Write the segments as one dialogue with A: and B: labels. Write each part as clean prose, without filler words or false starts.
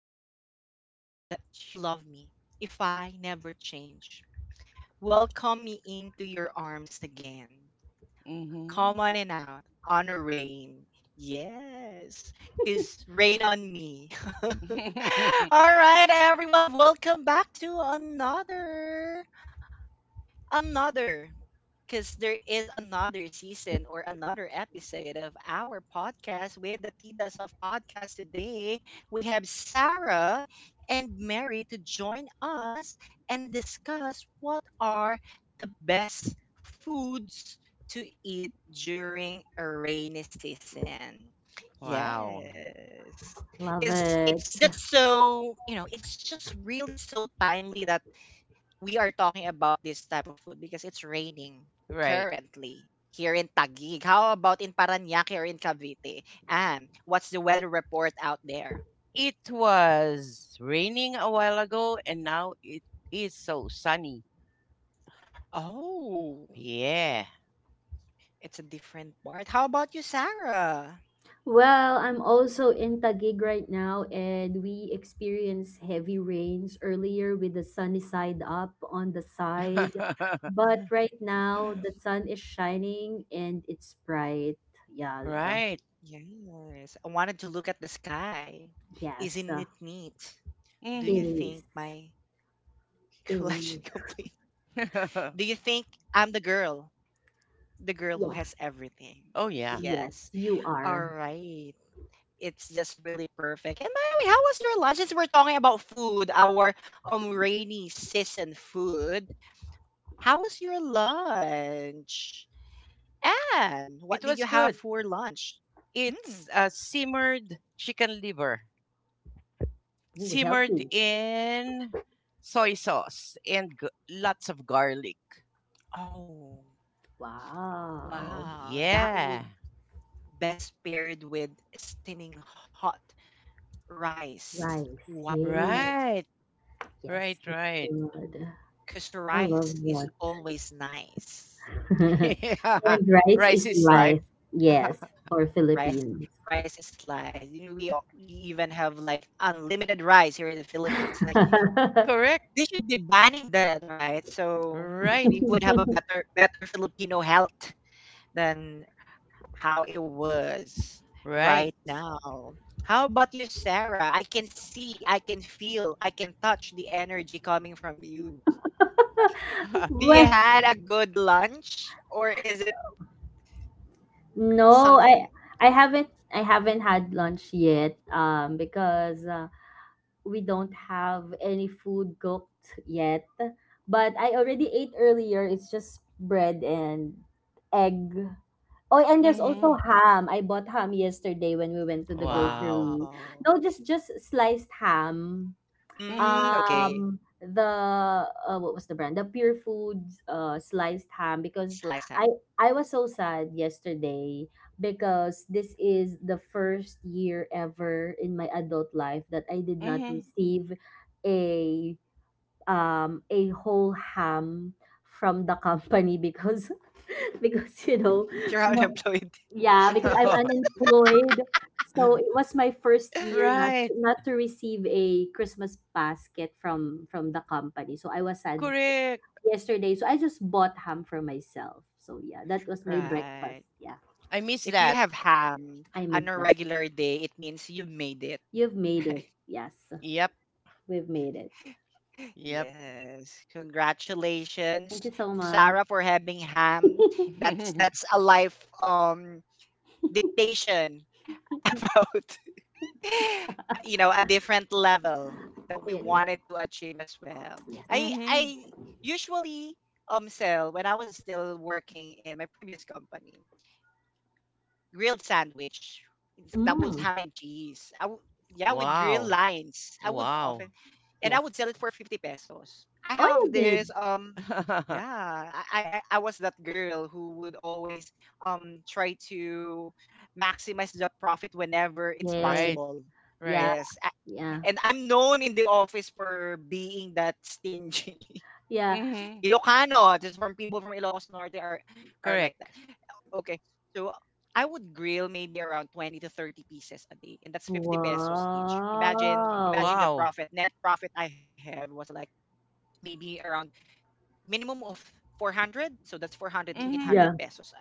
A: told me that you love me if I never change. Welcome me into your arms again.
B: Mm-hmm.
A: Come on and out. Honor rain. Yes, because rain on me. All right, everyone, welcome back to another because there is another season or another episode of our podcast with the Titas of Podcast today. We have Sarah and Mary to join us and discuss what are the best foods to eat during a rainy season.
B: Wow.
A: Yes.
C: Love
A: Because
C: it.
A: it's just really so timely that we are talking about this type of food because it's raining
B: Right.
A: currently here in Taguig. How about in Paranaque or in Cavite? And what's the weather report out there?
B: It was raining a while ago and now it is so sunny.
A: Oh,
B: Yeah.
A: it's a different part. How about you, Sarah?
C: Well, I'm also in Taguig right now, and we experienced heavy rains earlier with the sunny side up on the side. But right now, the sun is shining and it's bright. Yes,
B: Right.
A: Yes, I wanted to look at the sky. Isn't it
C: yes,
A: neat? Do you think
C: it
B: Mm-hmm.
A: my
C: is.
A: collection
C: It
A: complete?
C: is.
A: Do you think I'm the girl? The girl who has
C: Yeah,
A: everything.
B: Oh, yeah.
A: Yes.
C: yes, you
A: All
C: are.
A: right, it's just really perfect. And by the way, how was your lunch? Since we're talking about food, our rainy season food, how was your lunch? And what did you
B: It
A: have
B: was
A: for
B: good.
A: lunch? Hmm.
B: It's a simmered chicken liver,
C: Ooh,
B: simmered
C: healthy.
B: in soy sauce and lots of garlic.
A: Oh,
C: Wow.
A: wow. That
B: Yeah.
A: would best paired with steaming hot rice,
C: Rice.
A: white
C: Yay.
A: rice,
B: Right.
C: Yes,
B: Right,
C: it's
B: right.
C: good.
A: because
C: I love
A: rice is always nice.
C: that.
B: Yeah.
C: And rice
B: Rice
C: is
B: is life.
C: life. Yes, for
A: rice
C: Philippines.
A: rice is life. We even have like unlimited rice here in the Philippines. Like they
B: Correct.
A: should be banning that, right? So
B: Right.
A: we would have a better Filipino health than how it was right
B: Right.
A: now. How about you, Sarah? I can see, I can feel, I can touch the energy coming from you. Do you
C: Well,
A: had a good lunch or is it
C: no,
A: something?
C: I haven't had lunch yet because we don't have any food cooked yet. But I already ate earlier. It's just bread and egg. Oh, and there's
B: Mm-hmm.
C: also ham. I bought ham yesterday when we went to the
B: Wow.
C: grocery.
A: Wow.
C: No, just sliced ham.
B: Mm-hmm.
A: Mm, okay.
C: The what was the brand? The pure foods sliced ham, because
A: Slice
C: i
A: ham.
C: I was so sad yesterday, because this is the first year ever in my adult life that I did not receive a a whole ham from the company, because because you know.
A: You're
C: No.
A: unemployed.
C: Yeah, because I'm
B: Mm-hmm.
C: unemployed. So it was my first year not
B: Right.
C: not to receive a Christmas basket from the company. So I was sad
B: Correct.
C: yesterday. So I just bought ham for myself. So yeah, that was my
A: Right.
C: breakfast. Yeah.
B: I
A: If
B: miss
A: you have
B: that.
A: ham on
C: I
A: a
C: miss that.
A: regular day, it means you made it.
C: You've
A: Right.
C: made it. Yes.
B: Yep.
C: We've made it.
B: Yep.
A: Yes. Congratulations
C: Thank you
A: to
C: so
A: Sarah
C: much.
A: for having ham. That's a life dictation about a different level that we
C: It
A: wanted
C: is.
A: to achieve as well. I
C: Yes.
A: I
B: Mm-hmm.
A: usually sell when I was still working in my previous company. Grilled sandwich. That was ham
C: Mm,
A: and cheese. Yeah, with grilled
B: Wow.
A: lines. I would often,
B: Wow.
A: and I would
C: yes.
A: sell it for 50 pesos. I
C: Oh,
A: have
C: you
A: this,
C: did.
A: yeah, I was that girl who would always try to maximize the profit whenever it's
C: Yes.
B: Right.
A: possible.
B: Right.
C: Yeah.
A: Yes.
C: Yeah.
A: And I'm known in the office for being that stingy.
C: Yeah.
B: Mm-hmm.
A: Ilocano. This is from people from Ilocos Norte are like that.
B: Correct.
A: Okay. So I would grill maybe around 20 to 30 pieces a day and that's 50 pesos each. Imagine the
C: Wow.
A: profit
B: Wow.
A: net profit I have was like maybe around minimum of 400, so that's 400 to 800
B: Mm-hmm.
C: Yeah.
A: pesos a day.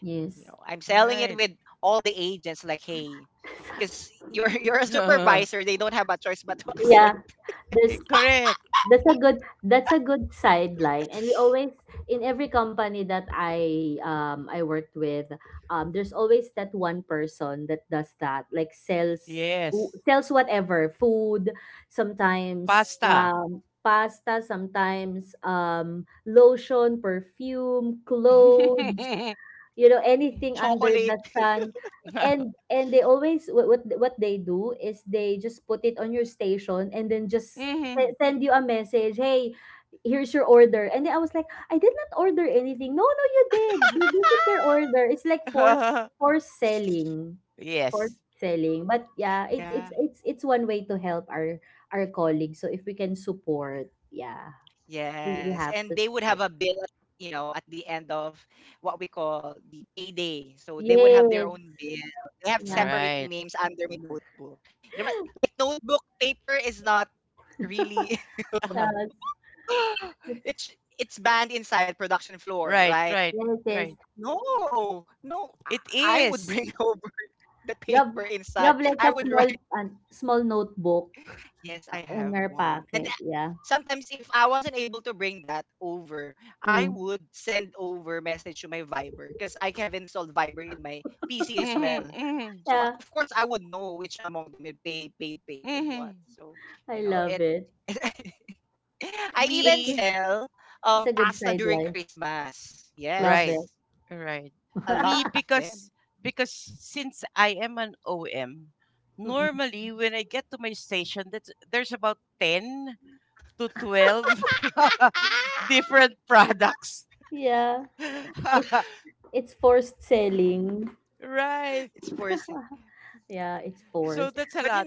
A: You know, I'm
C: Yes.
A: selling it with
B: Right.
A: all the agents like hey, because you're you're a supervisor, they don't have a choice but to accept
C: Yeah, there's
B: Correct.
C: that's a good sideline, and we always, in every company that I worked with, there's always that one person that does that, like sells who
B: Yes.
C: sells whatever food, sometimes
B: Pasta.
C: pasta, sometimes lotion, perfume, clothes, you know, anything
A: chocolate.
C: under the sun. And they always what they do is they just put it on your station and then just
B: Mhm.
C: send you a message. Hey, here's your order. And then I was like, I did not order anything. No, no, you did. This is your order. It's like forced selling,
B: Yes.
C: but yeah, it's
A: Yeah.
C: it's it's it's one way to help our colleagues, so if we can support, yeah, we,
A: Yes,
C: we
A: and
C: have
A: they
C: to
A: would have a
C: support.
A: bill at, you know, at the end of what we call the payday. So they would have their
C: Yes.
A: own bill. They have
C: Yeah.
A: separate
B: Right.
A: names under my notebook. You know, but like notebook paper is not really
B: Uh-huh.
C: That's...
A: it's it's banned inside production floor,
B: Right,
A: right?
B: right,
C: Yes,
B: right.
C: yes.
A: No, no,
B: It
A: I would bring
B: is.
A: over that
C: You have
A: paper
C: you
A: inside.
C: have like
A: I
C: a
A: would
C: small an small notebook
A: Yes, I
C: in
A: have
C: your
A: one. And
C: pocket, yeah.
A: sometimes if I wasn't able to bring that over, I
C: Mm.
A: would send over message to my Viber because I have installed Viber in my PC as well.
B: Mhm. Mhm.
A: So
C: Yeah,
A: of course I would know which among them is paid, and what.
B: Mhm.
A: So
C: I
A: you know
C: love
A: it.
C: it.
A: I even
C: It's
B: Me.
A: sell
C: it's a good
A: pasta during
C: sideline.
A: Christmas.
C: Love
B: Right.
C: it.
A: Yes,
B: Right.
A: a lot
B: Me
A: of them.
B: because since I am an OM,
C: Mm.
B: normally when I get to my station, that's there's about 10 to 12 different products.
C: Yeah, it's it's forced selling.
A: It's
B: Right.
A: porcelain.
C: Yeah, it's
A: But
B: So
C: forced.
A: you
B: that's
A: know
B: a lot.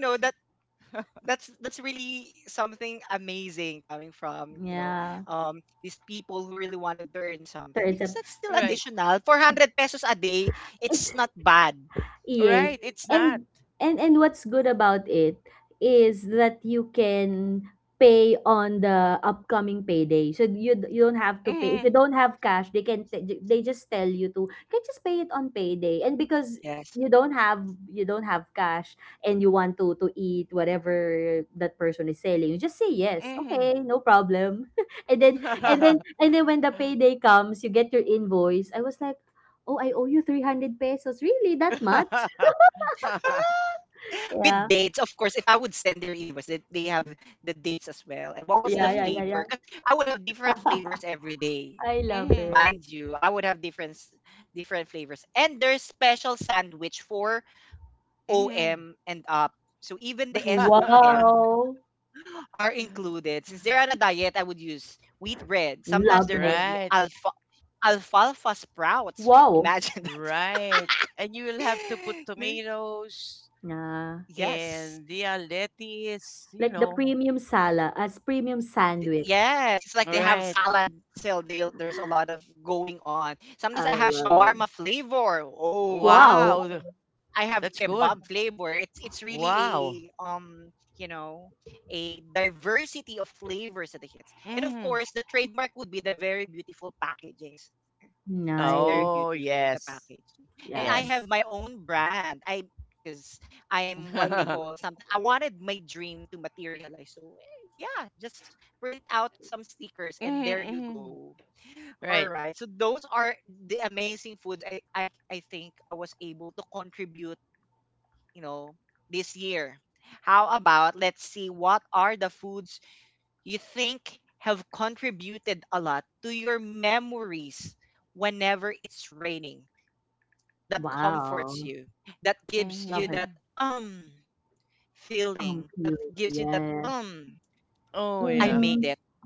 A: that's really something amazing coming from you know
C: Yeah,
A: these people who really wanted to earn something, because
C: turns
A: that's
C: up.
A: still
B: Right.
A: additional 400 pesos a day. It's not bad.
C: Yes.
B: Right, it's not.
C: And and what's good about it is that you can pay on the upcoming payday. So you don't have to pay. If you
B: Mhm.
C: don't have cash, they just tell you to, can just pay it on payday. And because
A: Yes,
C: you don't have you don't have cash and you want to eat whatever that person is selling, you just say yes,
B: Mhm.
C: okay, no problem. and then and
A: yes.
C: then and then when the payday comes, you get your invoice. I was like, oh, I owe you 300 pesos. Really? That much?
A: With
C: Yeah,
A: dates, of course. If I would send their invoice, they have the dates as well, and what was the
C: yeah, yeah, yeah,
B: Mhm.
A: flavor,
C: yeah.
A: because I would have different flavors every day,
C: I love
A: mind
B: Mhm.
C: it.
A: you. I would have different flavors, and there's special sandwich for OM and
B: Mhm.
A: up, so even the SOM
C: Wow,
A: are included. Since they're on a diet, I would use wheat bread. Sometimes there would be
C: love it.
B: Right.
A: alfalfa sprouts. Imagine that.
C: Wow.
B: Right. And you will have to
A: They-
B: put tomatoes
C: Nah,
A: yes.
B: and yeah, lettuce, you
C: like the
B: know.
C: premium sala as premium sandwich.
A: Yes. It's like they have
C: Lo-
B: Right.
A: salad. So there's a lot of going on. Sometimes I
C: I
A: have
C: love it.
A: shawarma flavor. Oh,
C: Wow,
B: Wow.
A: I have
B: That's good.
A: kebab flavor. It's really
B: Wow.
A: a um you know a diversity of flavors that it hits. And of
B: Mhm.
A: course, the trademark would be the very beautiful packagings. It's very
C: nice.
B: Oh,
A: beautiful the
B: yes.
A: packaging. And I
C: Yeah.
A: have
B: Yes.
A: my own brand. I Because I'm what they
B: Mhm.
A: call something. I wanted my dream to materialize. So eh, yeah, just print out some stickers and there you
B: Mhm.
A: go. All
B: Right.
A: right. So those are the amazing foods I think I was able to contribute, you know, this year. How about let's see what are the foods you think have contributed a lot to your memories whenever it's raining, that
C: Wow,
A: comforts you, that
C: love
A: gives
C: it.
B: Mhm.
A: you that um feeling,
C: Feeling.
A: that gives you
C: Yes.
A: that
B: Oh, yeah.
A: I made
C: Mm-hmm.
A: it.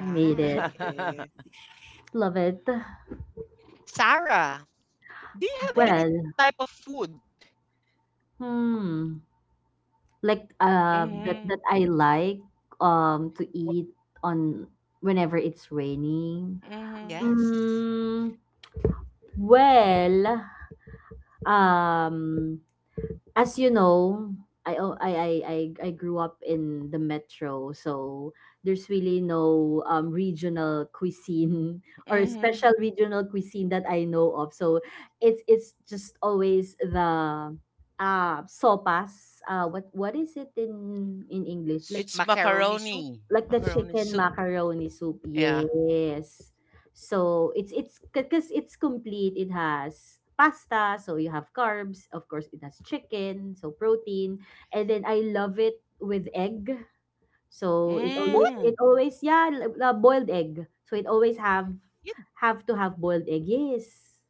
C: I made it.
A: Right.
C: Love it.
A: Sarah, do you have
C: Well,
A: any type of food?
C: hmm. Like that
B: Mhm.
C: I like to
A: Wha-
C: eat on whenever it's raining.
B: Mhm.
A: Yes.
C: Mm, well, um, as you know, I, o- I, I grew up in the metro, so there's really no regional cuisine or special
B: Mhm.
C: regional cuisine that I know of. So it's just always the sopas. What is it in
A: S-
C: English?
B: It's
A: Macaroni soup?
B: macaroni.
C: Like the
B: Macaroni
C: chicken
B: soup.
C: macaroni soup,
B: Yeah.
C: yes. So it's because it's complete. It has pasta, so you have carbs. Of course, it has chicken, so protein. And then I love it with egg. So
A: What?
B: Mm.
C: it always boiled egg. So it always
A: You,
C: have to have boiled egg. Yes.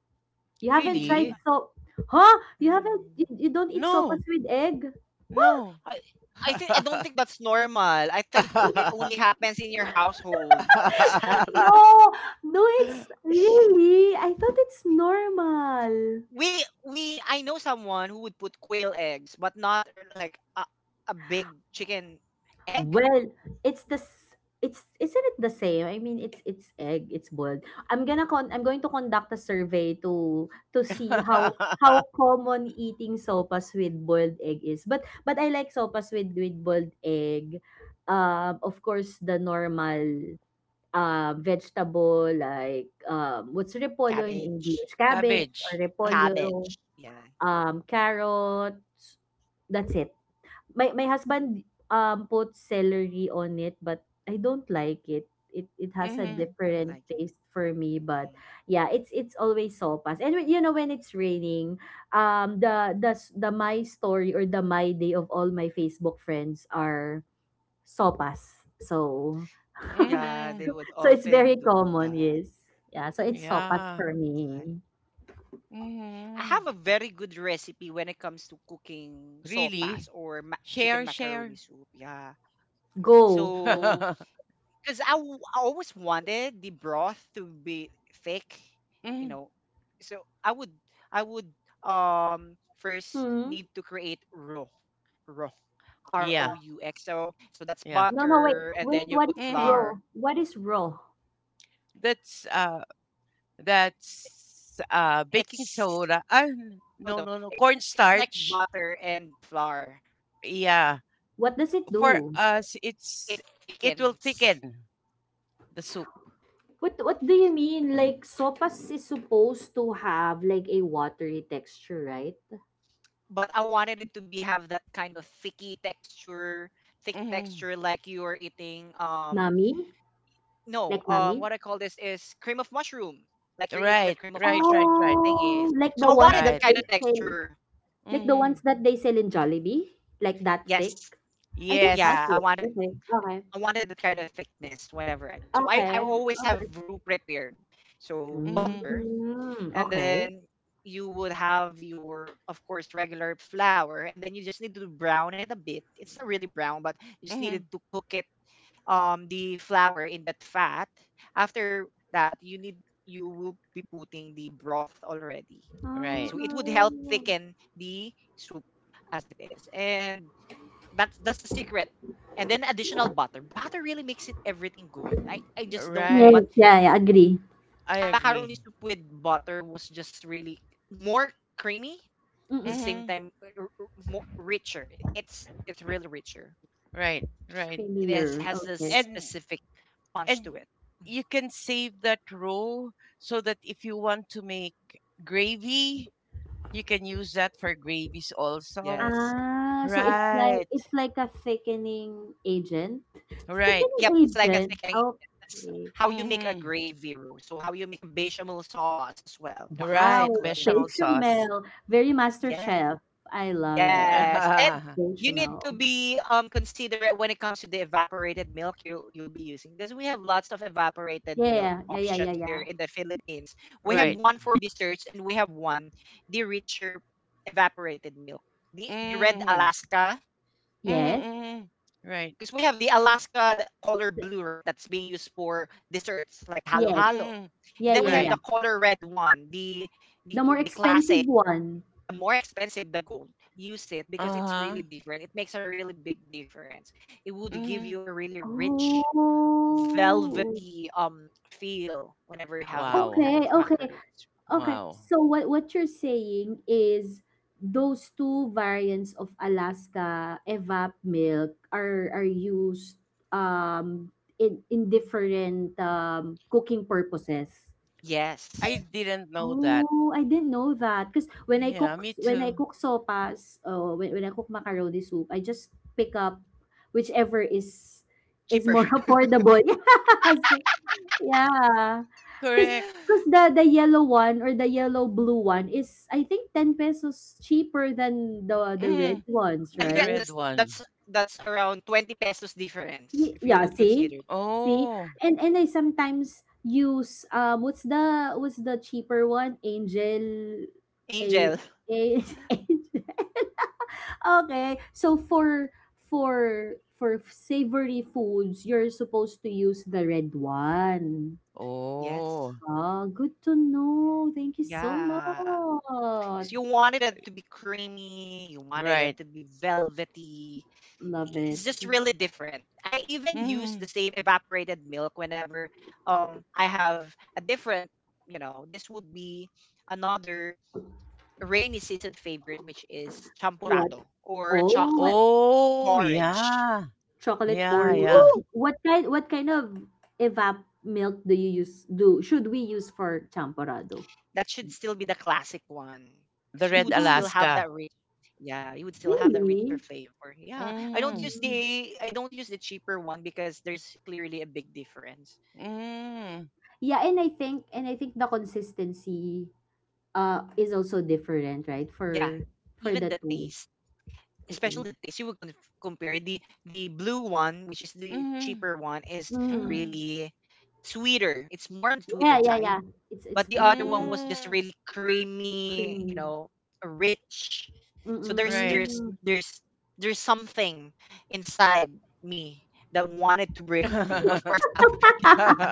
C: You haven't tried
A: we.
B: Really?
C: so Huh? You haven't
A: Mm.
C: you, you don't eat
B: No.
C: sopas with egg?
B: No.
A: I I think I don't think that's normal. I think it only happens in your household. Sal.
C: No, no, it's really, I thought it's normal.
A: we we I know someone who would put quail eggs, but not like a big chicken egg,
C: Well, it's the s- it's, isn't it the same? I mean, it's egg, it's boiled. I'm going to conduct a survey to see how common eating sopas with boiled egg is. But I like sopas with boiled egg. Of course, the normal vegetable like what's repolyo in
A: cabbage,
C: English? Cabbage or
B: Cabbage. Ah.
A: cabbage.
C: repolyo.
A: Yeah,
C: Um, carrots, that's it. My husband put celery on it, but I don't like it. It has a
B: Mhm.
A: not
C: different
A: like it.
C: taste for me, but
A: Mm.
C: yeah, it's always sopas. And you know, when it's raining, the my story, or the my day of all my Facebook friends are sopas. So
A: Yeah, they
B: Mhm.
A: would
C: so it's
A: often
C: very
A: do
C: common,
A: that.
C: yes. Yeah, so it's sopas
B: Yeah.
C: for
A: Like-
C: me.
A: I have a very
B: Mhm.
A: good recipe when it comes to cooking sopas or
B: Really?
A: chicken macaroni soup.
B: Share,
A: Yeah.
B: share.
A: So
C: Go.
A: because I always wanted the broth to be thick, you know.
B: Mm.
A: So I would um first
C: Hmm?
A: need to create roux, R
B: Yeah.
A: O U X. So so that's
B: Yeah.
C: No, no, wait,
A: butter,
C: wait.
A: and then
C: What
A: you
C: is
A: put
B: Mhm.
C: raw?
A: flour.
C: What is raw?
B: That's uh That's baking
A: It's
B: soda. Ah, no,
A: oh
B: no,
A: no,
B: no.
A: it's it's like
B: Cornstarch.
A: butter and flour.
B: Yeah.
C: What does it
B: For
C: do?
B: us, it's
A: It
B: it will thicken
A: thickens,
B: the soup.
C: What do you mean? Like sopas is supposed to have like a watery texture, right?
A: but I wanted it to be have that kind of thicky texture, thick
B: Mm-hmm.
A: texture, like you are eating
C: Nami,
A: no,
C: like nami.
A: what I call this is cream of mushroom. Like you're eating
B: Right,
A: that cream of
B: right, right,
A: mushroom
B: right,
A: thingies.
C: Oh, like
A: So
C: the
A: I
C: ones
A: wanted
C: that
A: that
B: right.
A: kind
C: they
A: of
C: sell,
A: texture.
C: like the
B: Mm-hmm.
C: ones that they sell in Jollibee, like that thick.
A: Yes.
C: I don't like
B: Yes.
A: Yeah,
C: it.
A: I wanted
C: Okay,
A: I wanted that kind of thickness whenever I so
C: okay,
A: I always
C: okay, okay.
A: have roux prepared. So
B: Mm-hmm.
A: butter
C: Mm,
A: and
C: okay.
A: then you would have your of course regular flour, and then you just need to brown it a bit. It's not really brown, but you just
B: Mm-hmm.
A: needed to cook it the flour in that fat. After that you need you will be putting the broth already, so
B: Right,
A: it would help
C: Oh,
A: thicken the soup as it is. And that's a secret. And then additional butter, butter really makes it everything good. I just don't know,
B: right.
C: yes,
A: but
C: yeah, yeah, agree.
B: I
A: a
B: agree.
A: macaroni soup with butter was just really more creamy at the
C: Mm-mm.
A: same
B: Mm-hmm.
A: time, more richer, it's really richer.
B: Right, right.
A: It
C: Creamier.
A: has this
C: Okay.
B: And
A: specific
B: and
A: punch to it.
B: you can save that row so that if you want to make gravy, you can use that for gravies also.
A: Yes.
C: Ah, so
B: Right.
C: it's like a thickening agent?
B: Right.
C: Thickening
A: Yep, it's like a
C: agent?
A: thickening. That's
C: Okay.
A: how you make a
B: Mm-hmm.
A: gravy roux. So how you make a bechamel sauce as well is
B: Right.
C: Wow,
A: included
B: Bechamel
A: in there.
B: sauce.
C: bechamel. Very master
A: Yes.
C: chef. I love it.
A: Yes. And
B: Right.
A: you need
C: Bechamel.
A: to be considerate when it comes to the evaporated milk you'll be using, because we have lots of evaporated milk
C: Yeah, yeah, yeah,
A: option
C: yeah,
A: here
C: yeah.
A: in the Philippines. We have
C: Yes.
A: one for desserts and we have one the richer evaporated milk. The red
B: Mm-hmm.
A: Alaska.
B: Mm-hmm.
C: Yes.
B: Mm-hmm. Right.
A: Because we have the Alaska color blue, right? That's being used for desserts like halo
C: Yes.
A: halo.
B: Mm-hmm.
C: Yeah,
A: And then
C: yeah,
A: we
B: Right.
C: yeah.
A: have the color red one,
C: The more
A: the
C: expensive
A: classic,
C: one.
A: the more expensive, the gold. Use it because it's
B: Uh-huh.
A: really different. It makes a really big difference. It would give
B: Mm-hmm.
A: you a really rich
C: Oh.
A: velvety feel whenever you have that
B: Wow.
A: kind
C: Okay,
A: of
C: okay.
A: macaroons.
C: Okay,
B: Wow.
C: so what you're saying is those two variants of Alaska evap milk are used in different cooking purposes.
B: I
A: Yes.
B: didn't know that.
C: Oh, I didn't know that. Because when I
B: Yeah,
C: cook
B: me too.
C: sopas, when I cook macaroni soup, I just pick up whichever is
A: Cheaper.
C: more affordable. Yeah, yeah, cause
B: Correct.
C: cause the yellow one or the yellow blue one is, I think, 10 pesos cheaper than the
B: Mm-hmm.
C: red ones,
A: I
B: Then
A: think
B: the
C: right?
A: that
B: red
A: that's
B: one.
A: that's that's around 20 pesos difference
C: Ye
A: if you
C: yeah,
A: would consider
C: see?
A: it.
C: See?
B: Oh.
C: And I sometimes use what's the cheaper one? Angel,
A: Angel.
C: a, a angel. Okay. So for for savory foods, you're supposed to use the red one.
A: Yes.
B: Oh.
C: Ah, good to know. Thank you so
A: Yeah.
C: much.
A: 'Cause you wanted it to be creamy, you wanted
B: Right.
A: it to be velvety.
C: Love it.
A: It's just really different. I even use
B: Mm-hmm.
A: the same evaporated milk whenever I have a different, you know, this would be another rainy season favorite, which is
C: What?
A: champurado or a
C: Oh, what
A: chocolate
B: Oh,
A: porridge.
B: yeah.
C: chocolate
B: Yeah, yeah.
C: porridge?
A: Woo!
C: What kind? What kind of evap milk do you use? Do should we use for champorado?
A: That should still be the classic one. Cause you
B: The
A: would
B: Red
A: still
C: Wow,
A: have that
B: Alaska.
A: rich yeah, you would still have that richer
C: really?
A: flavor. Yeah.
B: Mm.
C: Mm.
A: I don't use the cheaper one, because there's clearly a big difference.
B: Mm.
C: Yeah, and I think the consistency is also different, right?
A: Yeah.
C: For the
A: Even the
C: two,
A: taste,
C: the taste.
A: especially the taste, you would compare the blue one, which is the
B: Mm.
A: cheaper one, is
C: Mm.
B: Mm.
A: really sweeter. It's more on
C: Yeah,
A: sweeter
C: yeah,
A: side,
C: yeah. It's it's
A: but the
C: it's
A: other one was just
B: Mm.
A: really creamy,
C: creamy.
A: rich. So
B: Right.
C: Mm-mm.
A: there's something inside me that wanted to break free. Of course, that would be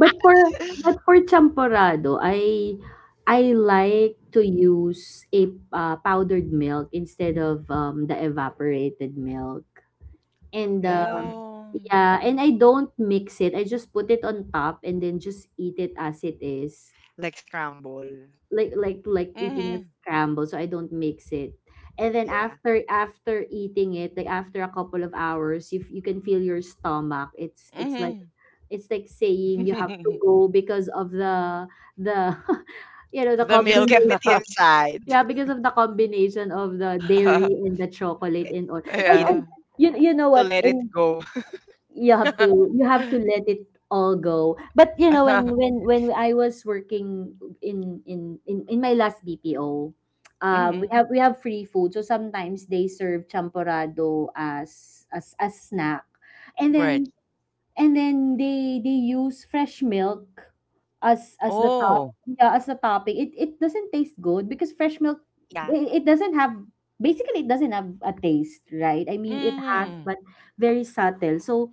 C: But for champorado, I like to use a powdered milk instead of the evaporated milk. And
A: mm,
B: Oh.
C: yeah, and I don't mix it. I just put it on top and then just eat it as it is.
A: like scramble.
C: Like eating a
B: Mm.
C: scramble, so I don't mix it. And then
A: Yeah.
C: after eating it, like after a couple of hours, if you can feel your stomach, it's like
B: Mm.
C: saying you have to go because of the you know, the
B: The
A: You've kept it
B: milk.
C: combination.
A: inside
C: Yeah, because of the combination of the dairy and the chocolate and all.
A: and
C: And,
A: needed
B: Yeah.
C: and you know
A: to let
C: what?
A: it
C: And
A: go.
C: you have to let it all go. But you know, when when I was working in in my last BPO, we
B: Hmm.
C: have free food. So sometimes they serve champorado as a snack. And
B: Right.
C: then they use fresh milk as
B: Oh.
C: the topping. It doesn't taste good, because fresh milk,
A: Yeah,
C: it doesn't have, basically it doesn't have a taste, right? I mean, it has,
B: Mm.
C: but very subtle. So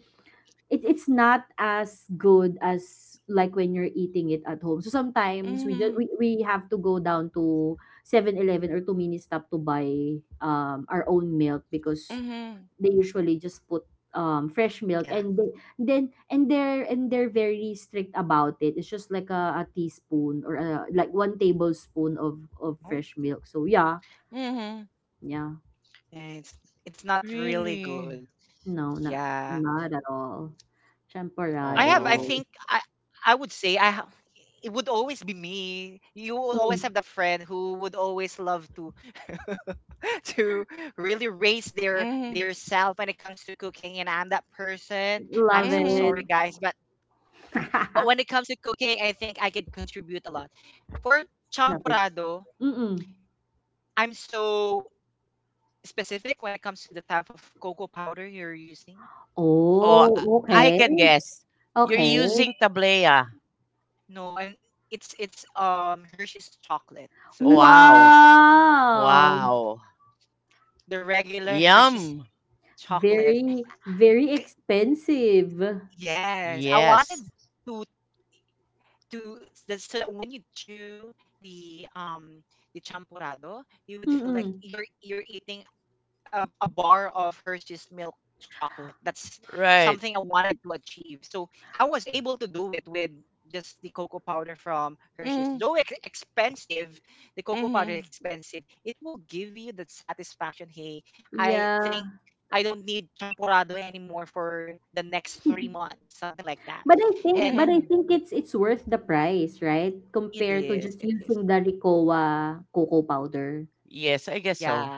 C: it's not as good as like when you're eating it at home. So sometimes we just
B: Mm.
C: we have to go down to 7-Eleven or to mini stop to buy our own milk, because
B: Mm.
C: they usually just put fresh
A: yeah.
C: milk, and they're and they're very strict about it. It's just like a teaspoon or like 1 tablespoon of
A: No,
C: fresh milk. So yeah,
B: Mm.
C: yeah,
A: and it's not really good.
B: Really.
C: no, not
A: Yeah,
C: not at all,
A: I have. I think
B: Oh.
C: champorado.
A: I would say it would always be me. You will always have that
C: Mm,
A: friend who would always love to to really raise their
B: Mm.
A: self when it comes to cooking, and I'm that person. I'm so
C: love
A: sorry
C: it.
B: Mm.
A: guys, but when it comes to cooking, I think I could contribute a lot. For
C: Love it.
A: champorado,
C: Mm-mm.
A: I'm so specific when it comes to the type of cocoa powder you're using.
B: Oh, yeah.
C: Oh,
B: I
C: okay,
B: can guess. You're
C: okay.
B: using tablea.
A: No, I'm It's Hershey's chocolate. So that's
B: Wow.
C: Wow,
B: Wow.
A: the regular Hershey's
B: Yum.
A: Chocolate.
C: very, very
A: K-
C: expensive.
A: Yes, I wanted
B: Yes.
A: to so that when you chew the the champurrado, you would feel like
C: Mm-mm.
A: you're eating a bar of Hershey's milk chocolate. That's
B: Right.
A: something I wanted to achieve. So I was able to do it with just the cocoa powder from Hershey's.
B: Mm,
A: Though expensive, the cocoa powder is
B: mm-hmm.
A: expensive. It will give you that satisfaction. Hey, I think
C: Yeah.
A: I don't need champurrado anymore for the next 3 months, something like that.
C: But I think,
A: And
B: Mm-hmm.
C: it's worth the price, right?
A: it
C: Compared to
A: is, it
C: just
A: is.
C: using the Ricoa cocoa powder.
B: Yes, I guess
A: Yeah,
B: so.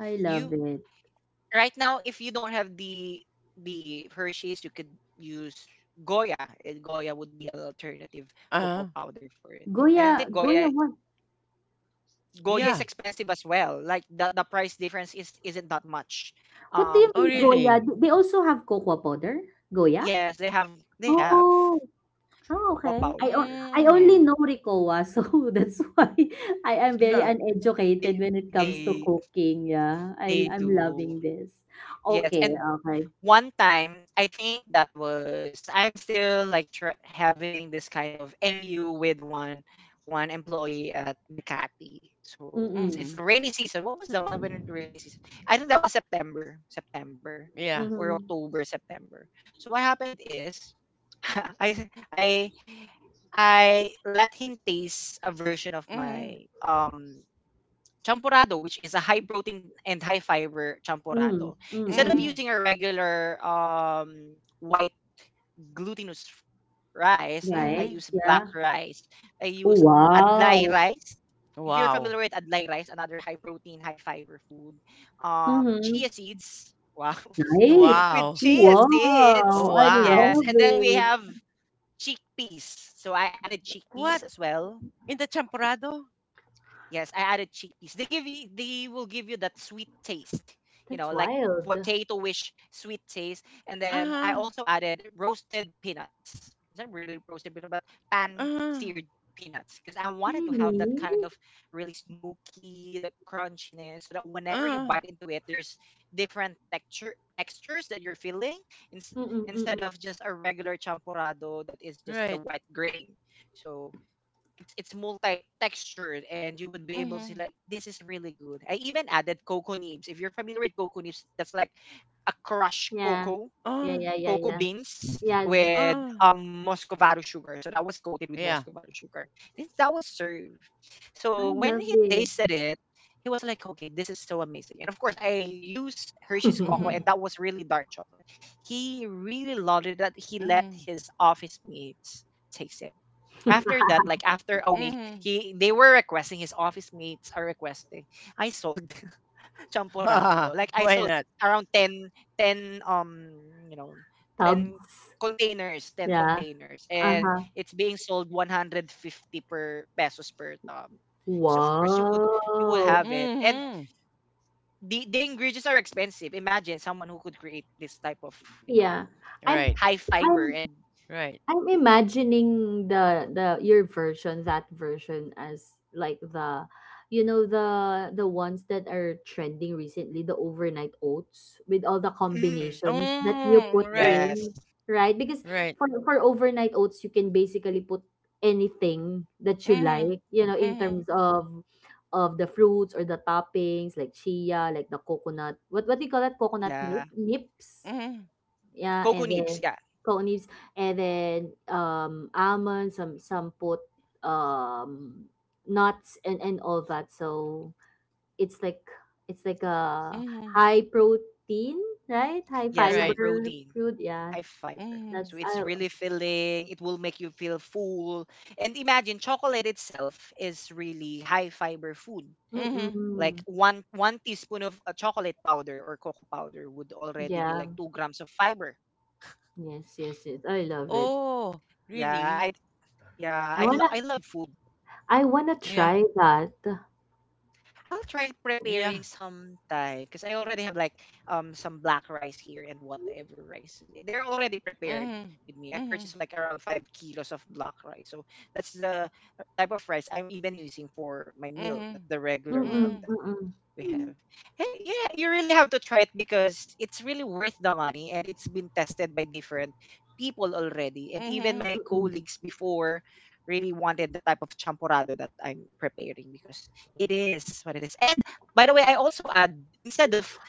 C: I
A: you.
C: love it.
A: Right now, if you don't have the Hershey's, you could use Goya. Eh, Goya would be an alternative cocoa
B: Uh-huh.
A: powder for it. And I think
C: Goya, What?
A: Goya is
B: Yeah.
A: expensive as well. Like that the price difference is isn't that much.
C: What do
A: Um,
C: you
B: Oh,
C: mean,
A: when it,
C: Goya?
B: really?
C: Do they also have cocoa powder? Goya?
A: yes, they have
C: Oh. Oh,
A: cocoa
C: okay.
A: powder.
C: I only
B: Mm-hmm.
C: know Ricoa, so that's why I am very
B: Huh.
A: They
C: uneducated when it comes to
A: they
C: cooking. Yeah, I
A: they
C: I'm
A: do.
C: loving this.
A: Yes,
C: Okay,
A: and
C: okay.
A: one time, I think that was I'm still like tr- having this kind of MU with one employee at Makati. So
C: Mm,
A: it's
B: Mm-hmm.
A: the rainy season. What was the month when it rainy season? I think that was September
C: mm,
B: Yeah.
A: or
C: mm,
A: October, September. So what happened is I I let him taste a version of
B: Mm-hmm.
A: my champurrado, which is a high protein and high fiber
C: mm,
A: champurrado,
C: mm,
A: instead
C: mm,
A: of
B: Mm-hmm.
A: using a regular white glutinous rice. I
C: rice.
B: Mm-hmm.
A: use
C: Yeah.
A: black rice. I use adlai
C: Wow!
A: rice. If you're
B: Wow.
A: familiar with adlai rice, another high protein, high fiber food,
C: Mhm.
A: chia seeds. Wow.
C: Nice.
A: With
B: Wow.
A: chia seeds.
C: Wow, I
A: Yes.
C: love
B: Wow.
A: And then we
C: it.
A: have chickpeas. So I added chickpeas
B: What?
A: as well.
B: In the champorado?
A: Yes, I added chickpeas. They will give you that sweet taste, you know,
C: That's
A: like
C: wild.
A: potato-ish sweet taste. And then
B: Uh-huh.
A: I also added roasted peanuts. Is that really roasted peanut, but
B: Uh-huh.
A: pan-seared peanuts, because I wanted to
C: Really?
A: have that kind of really smoky, the crunchiness, so that whenever
B: Uh-huh.
A: you bite into it, there's different texture textures that you're feeling, ins-
C: Mm-mm, mm-mm.
A: instead of just a regular champurrado that is
B: Right.
A: just the white grain. So it's multi-textured, and you would be able
B: Mm-hmm.
A: to see, like, this is really good. I even added cocoa nibs. If you're familiar with cocoa nibs, that's like a crushed
C: Yeah. Yeah,
B: Uh-huh.
C: yeah, yeah, yeah.
A: cocoa beans
C: Yes,
B: Uh,
A: with muscovado sugar. So that was coated
B: yeah.
A: with muscovado sugar. That was served.
C: I
A: So
C: love
A: when he
C: it.
A: tasted it, he was like, okay, this is so amazing. And of course, I use Hershey's Cocoa,
B: Mm.
A: and that was really dark chocolate. He really loved it that he let
B: Mhm.
A: his office mates taste it after that, like after a
B: Mhm.
A: week.
B: Mhm.
A: He they were requesting His office mates are requesting. I sold champurado, like I
B: Why
A: sold
B: not?
A: around 10, you know 10
C: Tubs.
A: containers, 10
C: Yeah.
A: containers, and
C: Uh-huh.
A: it's being sold 150 per pesos per tub, because of course you would
C: Wow.
B: Mm.
A: have it, and
B: Mhm.
A: the ingredients are expensive. Imagine someone who could create this type of, you
C: Yeah.
A: know,
C: I'm
B: Right.
A: high
C: I'm
A: fiber and
B: Right.
C: I'm imagining the your version, that version as like the the ones that are trending recently, the overnight oats with all the
A: mm,
C: combinations that you put
B: Mm, right.
C: in,
A: yes.
C: right? Because
B: Right.
C: for overnight oats you can basically put anything that you like,
B: Mm.
C: in terms
B: Mhm.
C: of the fruits or the toppings like chia, like the coconut. What do you call that? Coconut
A: Yeah,
C: nip, nips
B: Mhm. Mhm.
C: yeah,
A: cocoa
C: and
A: nibs.
C: then
A: Yeah.
C: coconuts, and then almonds, some put um nuts and all that. So it's like it's like a
B: Mhm.
C: high protein, right? High
A: Yes,
B: Right.
A: high
C: fiber
A: protein,
C: food. Yeah,
A: high
B: Mm.
A: fiber.
C: that's
B: Mhm.
A: So
C: I.
A: it's really filling. It will make you feel full. And imagine chocolate itself is really high fiber food.
B: Mhm.
A: Like
C: Mm-mm.
A: one teaspoon of chocolate powder or cocoa powder would already
C: Yeah.
A: be like 2 grams of fiber.
C: Yes. Yes. Yes. I love it.
B: Oh, really?
A: Yeah, I
C: I
A: yeah,
C: wanna.
A: I love food.
C: I wanna
B: Yeah.
C: try that.
A: I'll try
B: Yeah.
A: preparing sometime because I already have like some black rice here and whatever rice. They're already prepared
B: Mm.
A: with me. I
B: Mhm.
A: purchased like around 5 kilos of black rice. So that's the type of rice I'm even using for my meal,
B: Mhm.
A: not the regular
C: Mm-mm.
A: one.
B: Mhm.
C: Mm-mm.
A: We have. Hey, yeah, you really have to try it because it's really worth the money, and it's been tested by different people already. And
B: Mhm.
A: even my
B: Mhm.
C: Mm-mm.
A: colleagues before really wanted the type of champorado that I'm preparing, because it is what it is. And by the way, I also add, instead of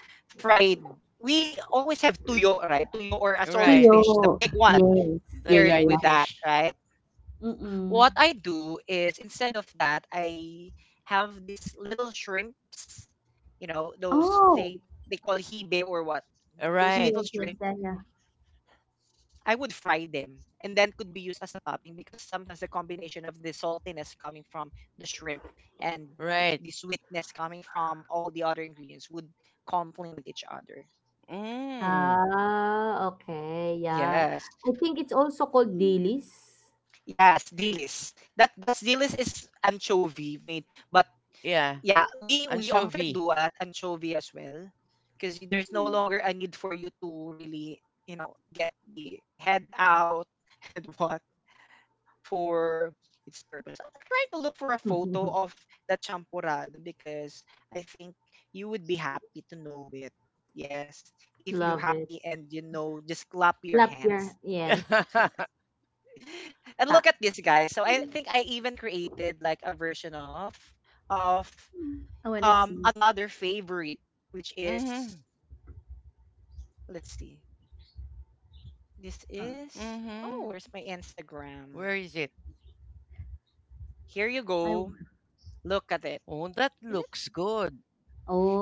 A: fried, we always have tuyo, right? Tuyo, or a
C: Tuyo.
B: Right.
A: salted fish, the big one,
C: Yes.
B: The
C: Yeah. Yeah.
B: dried
C: Yeah.
A: paired with that,
B: fish.
A: right?
C: Mm-mm.
A: What I do is instead of that, I have these little shrimps, you know, those
C: Oh.
A: thing they call hibe or what, those
B: Right.
C: Yes.
A: little
C: Yes. Yeah.
A: shrimps.
C: Yeah.
A: I would fry them and then could be used as a topping, because sometimes the combination of the saltiness coming from the shrimp and
B: Right.
A: the sweetness coming from all the other ingredients would complement each other.
B: Mm.
C: Ah, okay, yeah.
A: Yes.
C: I think it's also called dilis.
A: Yes, dilis. That that's dilis is anchovy made, but
B: Yeah.
A: yeah, we often
B: Anchovy.
A: do at anchovy as well, because there's no longer a need for you to really, you know, get the head out and what for its purpose. I'm trying to look for a photo of the champurrado because I think you would be happy to know it. Yes, if you
C: Love
A: happy,
C: it.
A: and you know, just clap your
C: Clap
A: hands.
C: your yes.
A: And look
C: Ta.
A: at this guys. So I think I even created like a version of of
C: I want to see.
A: another favorite, which is,
B: Mhm,
A: let's see, this
C: Uh,
A: is, oh,
B: mhm.
A: where's my Instagram?
B: Where is it?
A: Here you go,
C: I w-
A: look at it.
B: Oh, that
A: Is it,
B: looks good.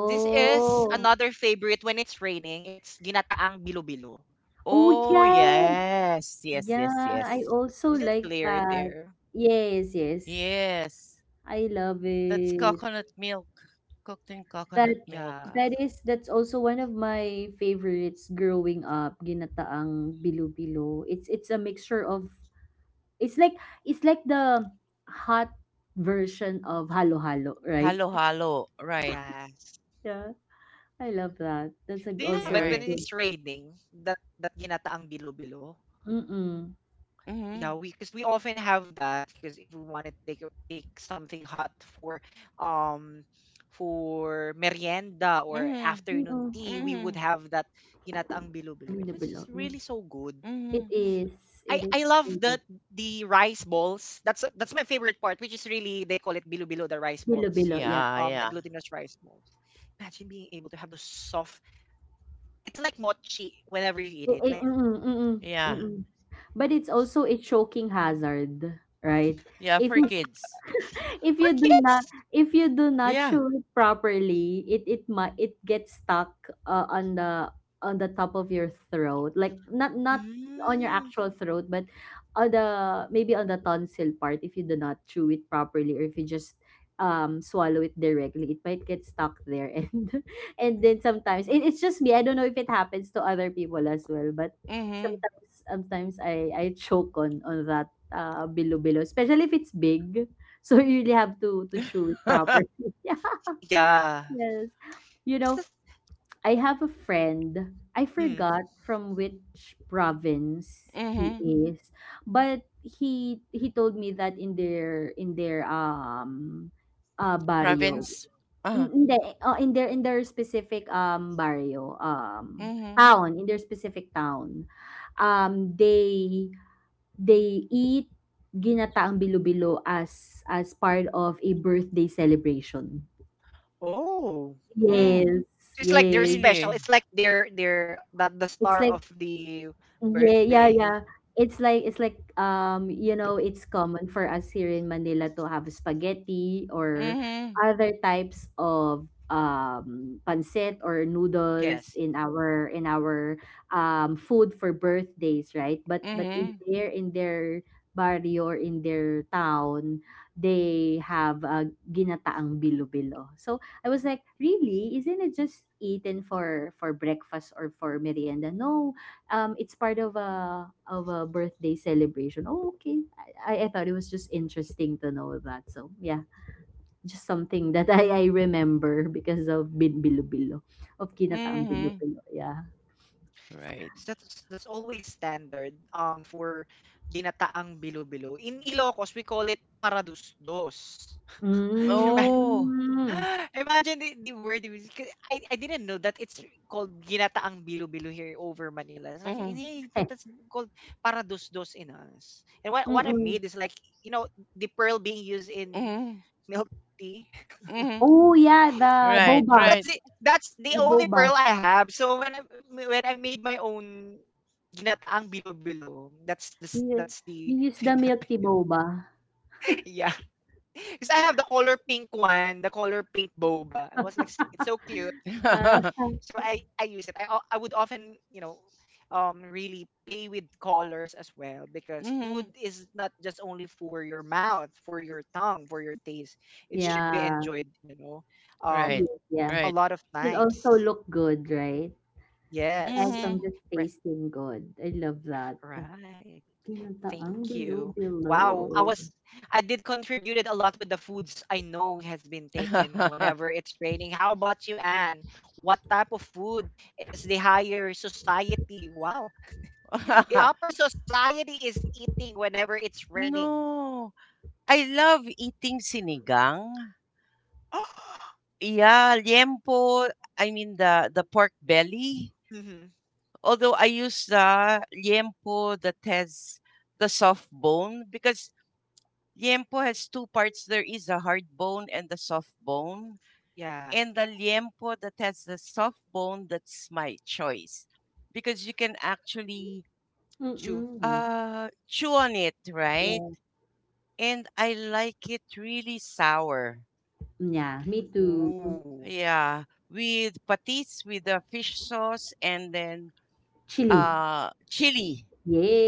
A: this is another favorite when it's raining, it's ginataang bilo-bilo.
C: Oh
B: Oh,
C: yes.
B: yes, yes, yes,
C: Yeah,
A: That
C: I
A: can
B: yes.
A: is
C: also
A: is it
C: like
A: clear
C: that.
A: there?
C: Yes, yes.
B: Yes,
C: I love
B: that's
C: it.
B: coconut milk. Cooked in
C: That
B: coconut milk.
A: Yeah.
C: that is that's also one of my favorites growing up, ginataang bilo-bilo. It's a mixture of. It's like the hot version of halo-halo, right?
B: Halo halo, right.
A: Yes.
C: Yeah, I love that. That's a,
B: You're
A: Do
C: also a
A: you
B: right.
A: have
C: good.
A: it when it's raining, that that ginataang bilo-bilo?
C: Mm-mm.
B: Mhm.
A: Yeah, we, because we often have that, because if we want to take something hot um for merienda or
B: Mhm.
A: afternoon
C: Mm-mm.
A: tea, we would have
B: Mhm.
A: that ginataang bilo-bilo, and it's just
C: Bilo-bilo.
A: really so
C: Yes.
A: good.
C: It
B: Mhm.
C: is.
A: I
C: It is
A: love that,
C: very good.
A: the rice balls. That's my favorite part, which is really, they call it bilo-bilo, the rice balls,
C: Bilo-bilo. Yeah.
B: Yeah,
A: the
B: yeah.
A: glutinous rice balls. Imagine being able to have those soft. It's like mochi whenever you eat it,
C: Mm-mm,
A: like
C: mm-mm,
B: Yeah.
C: mm-mm. But it's also a choking hazard, right?
B: Yeah,
C: If
B: for
C: you
B: kids.
C: if you do
A: for
C: not
A: kids.
C: if you do not
B: Yeah.
C: shoe it properly it might it gets stuck on the top of your throat like not not on your
A: Mm,
C: actual throat but on the maybe on the tonsil part if you do not chew it properly or if you just swallow it directly it might get stuck there and then sometimes it's just me, I don't know if it happens to other people as well, but
B: Mhm.
C: sometimes I choke on that bilo bilo especially if it's big. So you really have to
B: Mhm.
C: chew it properly. Yeah.
A: yeah.
C: Yes. You know,
A: It's
C: I have a friend. I
A: the-
C: forgot from which province he is, but he told me that in their barrio.
B: Province. Uh, huh.
C: N- Hindi, oh, in their specific barrio
B: Mhm.
C: town, in their specific town um they they eat ginataang bilo-bilo as part of a birthday celebration.
A: Oh.
B: Mm.
C: Yes,
A: So it's
C: yes.
A: like they're
B: Really.
A: special. It's like they're that
C: It's
A: the
C: like.
A: star of the
C: Yeah, yeah, yeah.
A: birthday.
C: It's like you know it's common for us here in Manila to have spaghetti or
B: Mhm.
C: other types of pancit or noodles
A: Yes.
C: in our food for birthdays, right? But
B: Mhm.
C: in their barrio or in their town, they have ginataang bilo-bilo. So I was like, really? Isn't it just eaten for breakfast or for merienda? No, it's part of a birthday celebration. Oh, okay. I thought it was just interesting to know that. So yeah, just something that I remember because of Bin Bilo of Kinataang Bilo.
B: Mm-hmm.
C: Yeah.
B: Right.
A: So that's always standard for ginataang bilo-bilo. In Ilocos, we call it paradusdos. Ima-
B: Oh.
C: Mm.
A: Imagine the word. I didn't know that it's called ginataang bilo-bilo here over Manila. It's like,
B: Mm-hmm.
A: hey, that's
C: Heh.
A: called paradusdos in us. And what I made is
C: Mm-mm.
A: like, you know, the pearl being used in
B: Mm-hmm.
A: milk tea.
B: Mm-hmm.
C: Oh yeah, the
B: Right.
C: boba,
B: Right.
C: the
A: That's the
C: boba.
A: only pearl I have. So when I made my own ginataang bilo-bilo, that's the
C: You,
A: that's
C: you use
A: the
C: the milk
A: thing
C: tea
A: that I
C: boba.
A: yeah. Because I have the color pink one, the color pink boba. I was like, "S- it's so cute."
C: Ah,
B: Mm-hmm.
A: So I use it. I would often, you know, really play with colors as well, because food is not just only for your mouth, for your tongue, for your taste. It should be
C: yeah.
A: enjoyed. You know,
B: Right.
A: um,
C: Yes, yeah.
B: Right.
A: a lot of
C: Should
A: times.
C: also look good, right? Aside
B: Mm-hmm.
C: from
A: Yes.
C: just
A: Breath.
C: tasting good. I love that.
A: Right.
C: Pinuntaang
A: Thank
C: below
A: you.
C: below.
A: Wow. I was, I did contributed a lot with the foods I know has been taken whenever it's raining. How about you, Anne? What type of food is the higher society? Wow. The upper society is eating whenever it's raining.
B: No. I love eating sinigang. Yeah, liempo. I mean the pork belly.
A: Hmm.
B: Although I use the liempo that has the soft bone because liempo has two parts. There is a hard bone and the soft bone. And the
A: Yeah.
B: liempo that has the soft bone, that's my choice because you can actually
A: Chew.
C: Mm.
B: chew on it,
C: Yes.
B: right?
C: Yeah,
B: And I like it really sour,
C: yeah, me too.
A: Ooh.
B: yeah, with patis, with the fish sauce, and then
C: Chili.
B: chili,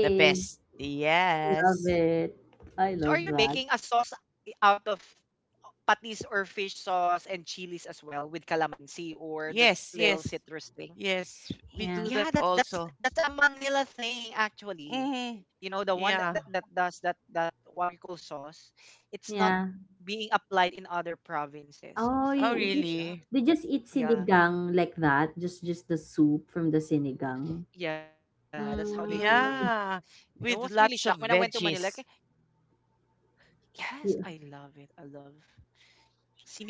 B: the best.
C: love
B: Yes,
C: it. I love
A: So are you
C: that.
A: making a sauce out of patis or fish sauce and chilies as well, with calamansi or the
B: yes,
A: little
B: yes,
A: citrus thing?
B: yes, we
C: Yeah,
B: do that
A: Yeah, that's
B: also.
A: that's a Manila thing actually.
B: Hmm.
A: You know, the one
B: Yeah.
A: that that does that, that what you call sauce, it's not
C: yeah.
A: being applied in other provinces. I
C: Oh,
A: was
C: you
B: Oh,
A: like
C: you just
A: really
B: really?
A: shocked.
C: they just eat
A: Yeah,
C: sinigang like that. Just the soup from the sinigang.
A: yeah, that's how they do it.
C: Mm,
B: Yeah,
A: I was
B: with
A: really
B: lots
A: shocked
B: of
A: when I went to Manila. Like,
B: veggies.
C: yeah,
A: yes, I love it. I love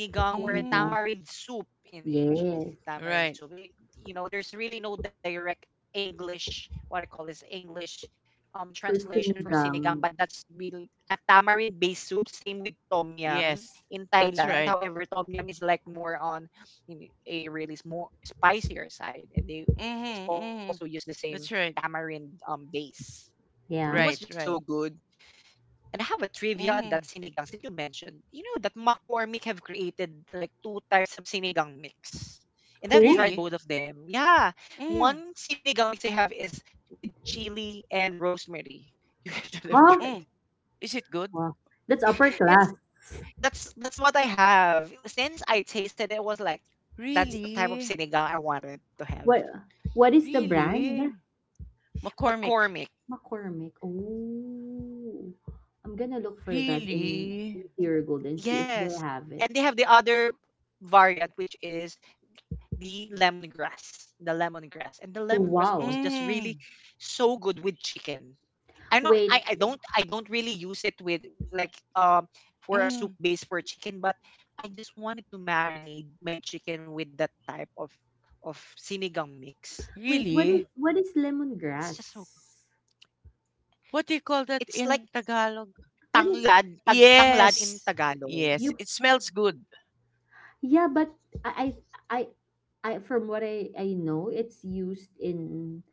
A: sinigang, or
B: Mm-hmm.
A: a
C: sinigang.
A: tamarind soup in English.
C: Yes,
A: You know, it's
B: Right.
A: tamarind soup. Eh, you know, there's really no direct English, what I call this English
C: for
A: translation
C: sinigang.
A: for sinigang, but that's really a tamarind based soup. Same with tom
B: Yes.
A: yum in
B: That's right.
A: Thailand. However, tom yum is like more on in a really more spicier side, and they
B: Mm-hmm. Mm-hmm.
A: also use the same
B: That's right.
A: tamarind base.
C: Yeah.
B: Right.
A: It was
B: Right.
A: just so good, and I have a trivia
B: Mm-hmm.
A: on that sinigang since you mentioned. You know that McCormick have created like 2 types of sinigang mix. And
C: Who?
A: I've
B: Really?
A: tried both of them. Yeah.
B: Mm.
A: One sinigang mix I have is with chili and rosemary. You should
C: Huh?
A: have
B: Mm.
A: tried.
B: Is it good?
C: Wow. That's upper class.
A: It's that's what I have. Since I tasted it, it was like that's the type of
B: Really?
A: sinigang I wanted to have.
C: What? What is the brand?
B: Really? McCormick.
A: McCormick.
C: McCormick, oh. I'm gonna look for that in
B: Really?
C: Pure Gold and see if they
A: Yes.
C: have it.
A: And they have the other variant, which is
C: Oh,
A: the lemongrass
C: wow.
A: was just
B: Mm.
A: really so good with chicken. I know,
C: Wait,
A: I don't really use it with like, for
B: Mm.
A: a soup base for chicken, but I just wanted to marinate my chicken with that type of sinigang mix.
C: wait,
B: Really?
C: what is
A: It's just so
C: lemongrass?
B: What do you call
A: It's
B: that
A: like
B: in Tagalog?
C: What
A: tanglad,
C: is
A: tanglad in
B: Yes.
A: Tagalog.
B: Yes.
C: you
B: It smells good.
C: yeah, but I I I from what I know, it's used in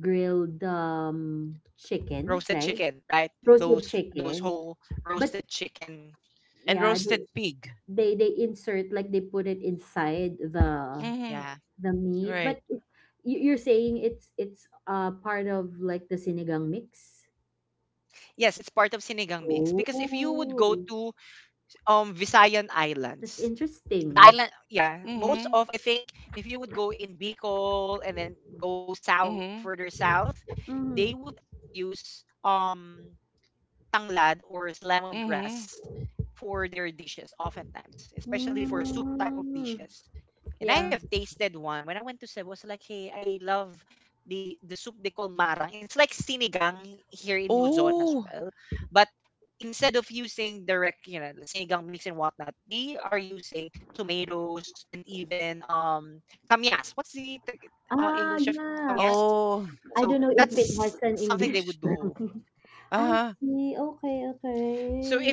C: grilled chicken, right?
A: Roasted chicken, right? Th-
C: Roasted
A: Those
C: chicken.
A: those whole
C: But
A: roasted chicken.
B: And
C: yeah,
A: Hmm.
B: roasted pig.
C: they insert like they put it inside the
B: Mm-hmm.
A: Yeah.
C: The meat,
B: Right.
C: but it, you- you're saying it's part of like the sinigang mix?
A: Yes, it's part of sinigang mix because if you would go
C: Oh,
A: to Visayan
C: that's
A: Islands. The
C: interesting.
A: island, yeah, most
B: Mm-hmm.
A: of, I think, if you would go in Bicol and then go south,
B: Mm-hmm.
A: further south,
C: Mm.
A: they would use tanglad or
B: Mm-hmm.
A: lemongrass for their dishes oftentimes, especially for soup type of
C: Mm.
A: dishes. And
C: Yeah.
A: I have tasted one when I went to Cebu. I was like, hey, I love the soup they call marang. It's like sinigang here in Luzon as
B: Oh.
A: well, but instead of using direct, you know, sinigang mix and whatnot, they are using tomatoes and even kamyas. What's the
C: Ah,
A: English of
C: yeah.
A: kamyas?
B: Oh.
C: I don't
A: So
C: know if it has
A: that's
C: an
A: something they
C: English
A: would do,
C: term. I
B: Uh-huh.
C: see. Okay,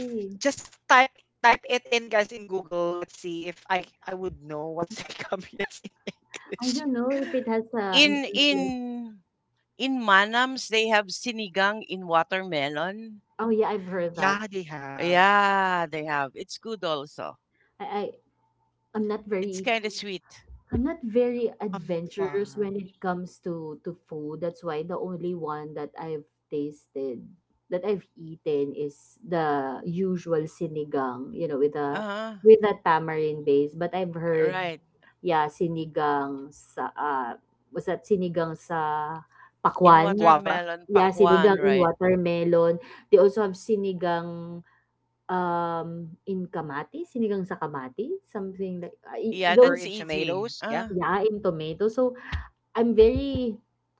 A: so if, just type it in, guys, in Google, let's see if I would know what's kamyas in
C: I don't
A: English.
C: know if it has an
B: In in
C: English.
B: in Manams they have sinigang in watermelon.
C: Oh yeah, I've heard that.
A: Yeah, they have.
B: Yeah, they have. It's good also.
C: I, I I'm not
B: It's
C: very
B: kind of Mm. sweet.
C: I'm not very
A: I'm not
C: adventurous when
A: fun.
C: it comes to food. That's why the only one that I've tasted that I've eaten is the usual sinigang, you know,
B: Uh-huh.
C: with a tamarind base. But I've heard,
B: Right.
C: yeah, sinigang sa was that sinigang sa
B: In
C: pakwan?
A: Guava,
B: watermelon
C: Yeah,
B: pakwan,
C: sinigang in
B: right?
C: watermelon. They also have sinigang um in Kamati, sinigang sa Kamati, something like
A: or
B: Yeah,
A: in
C: those.
B: that's
A: tomatoes. Yeah,
B: easy. Uh,
C: Yeah, in tomato. So, I'm very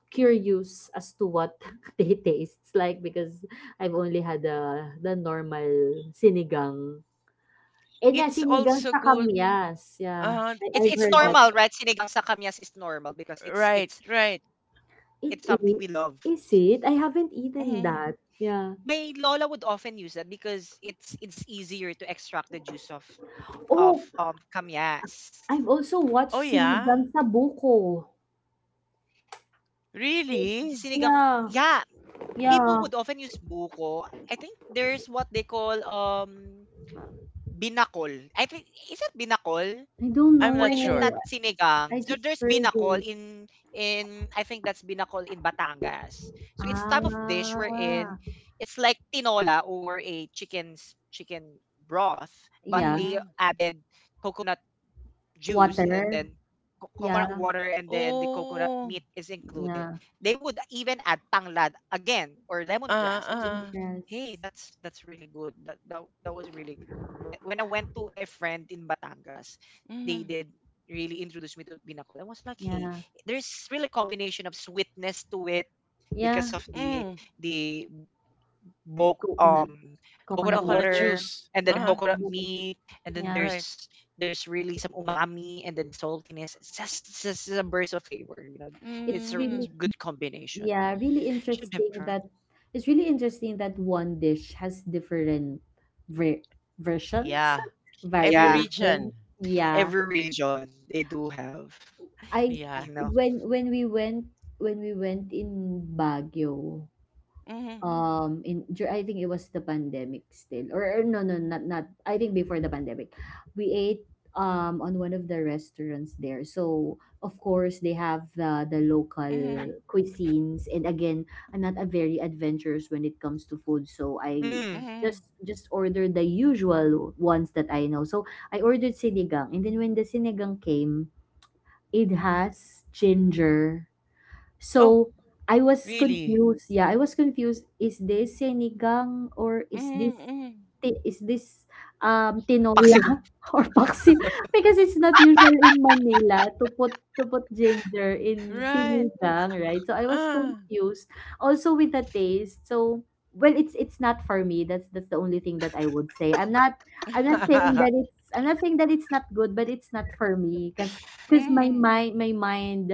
C: curious as to what they tastes like because I've only had the normal sinigang. And yeah,
B: it's
C: sinigang
B: also
C: sa
B: good.
C: kamyas. Yeah,
B: Uh,
C: I,
A: it's
C: I've
B: it's
A: it's
C: heard that.
A: normal,
B: also
A: right? Sinigang sa kamyas is normal because it's
B: right,
A: it's
B: right.
C: It,
A: it's something we love.
C: is it? I haven't eaten
B: Mhm.
C: that. Yeah.
A: My lola would often use that because it's easier to extract the juice of
C: Oh, I've
A: kamias.
C: also watched
B: Oh yeah.
C: sinigang sa buko.
B: Really?
A: Sinigang,
C: Yeah,
A: yeah. People would
C: yeah.
A: often use buko. I think there's what they call Binakol. I think, is it binakol
C: I
A: or is
C: don't
A: it
B: I'm
A: not
B: not
C: know.
B: sure.
A: sinigang? So there's
C: I just
A: binakol
C: heard
A: in,
C: it.
A: I think that's binakol in Batangas. So it's type of dish wherein
C: Ah,
A: it's like tinola, or a chicken broth, but
C: yeah.
A: they
B: Mhm.
A: added coconut juice, and
C: Water.
A: then
C: Yeah,
A: coconut water, and then the coconut
B: Oh.
A: meat is included.
C: yeah,
A: They would even add tanglad again, or lemongrass. I was
B: Uh-uh.
C: lemongrass,
A: Hey, that's really good. That was really good. When I went to a friend in Batangas, they
B: Mhm.
A: did really introduce me to binakol. I was like, hey,
C: yeah,
A: there's really combination of sweetness to it
C: yeah,
A: because of
B: Mm.
A: the bulk,
C: coconut, coconut
A: coconut
B: Coconut
C: water,
A: water,
B: juice.
A: and
C: yeah,
A: then the
B: Uh-huh.
A: coconut
C: coconut juice,
A: meat, and
C: yeah.
A: then
B: Right.
A: there's really some umami and then saltiness. It's just a burst of flavor. You know, it's
C: It's
A: a
C: really,
B: Mm-hmm.
A: good combination.
C: yeah, really
A: Should have
C: interesting
A: tried.
C: that it's really interesting that one dish has different ver versions,
B: Yeah. Every
A: Yeah,
C: variations.
B: region.
C: Yeah,
A: every region they do have.
C: I
B: Yeah.
A: You know?
C: when when we went when we went in Baguio,
B: Mm-hmm.
C: in dur- I think it was the pandemic still or no no not not I think before the pandemic we ate on one of the restaurants there so of course they have the local
B: Mm-hmm.
C: cuisines and again I'm not a very adventurous when it comes to food so I
A: Mm,
B: Mm-hmm.
C: just ordered the usual ones that I know so I ordered sinigang and then when the sinigang came it has ginger
B: Oh,
C: so I was
B: really?
C: confused. Yeah, I was confused. Is this sinigang or is this
B: Mm-hmm. Mm-hmm.
C: ti- is this
A: paksiw.
C: tinola or paksi? Because it's not usual in Manila to put ginger in
B: Right.
C: sinigang, right? So I was
B: Ah.
C: confused. Also with the taste. So well, it's not for me. That's the only thing that I would say. I'm not saying that it's I'm not saying that it's not good, but it's not for me because
B: Mm-hmm.
C: my mind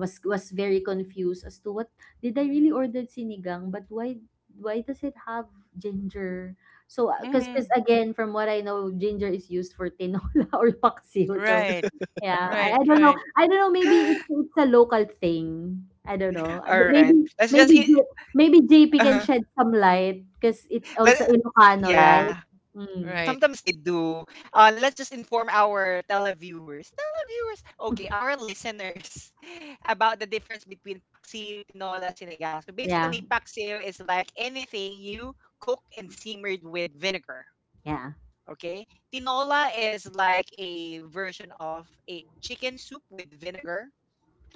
C: was very confused as to what did I really ordered sinigang but why does it have ginger? So because
B: Mm-hmm.
C: again from what I know ginger is used for tinola or paksiw so
B: Right.
C: yeah
B: Right. Right.
C: I don't know maybe it's a local thing I don't know. But
A: Alright.
C: maybe
A: Let's just
C: maybe J, maybe
A: I
C: JP can
A: Uh-huh.
C: shed some light because it's
A: Let
C: also Ilocano right
A: Yeah.
C: mm.
B: Right.
A: Sometimes they do. Let's just inform our televiewers, televiewers, okay, our listeners about the difference between paksiw, tinola, sinigang. So
C: yeah
A: basically, paksiw is like anything you cook and simmered with vinegar.
C: yeah
A: Okay, tinola is like a version of a chicken soup with vinegar,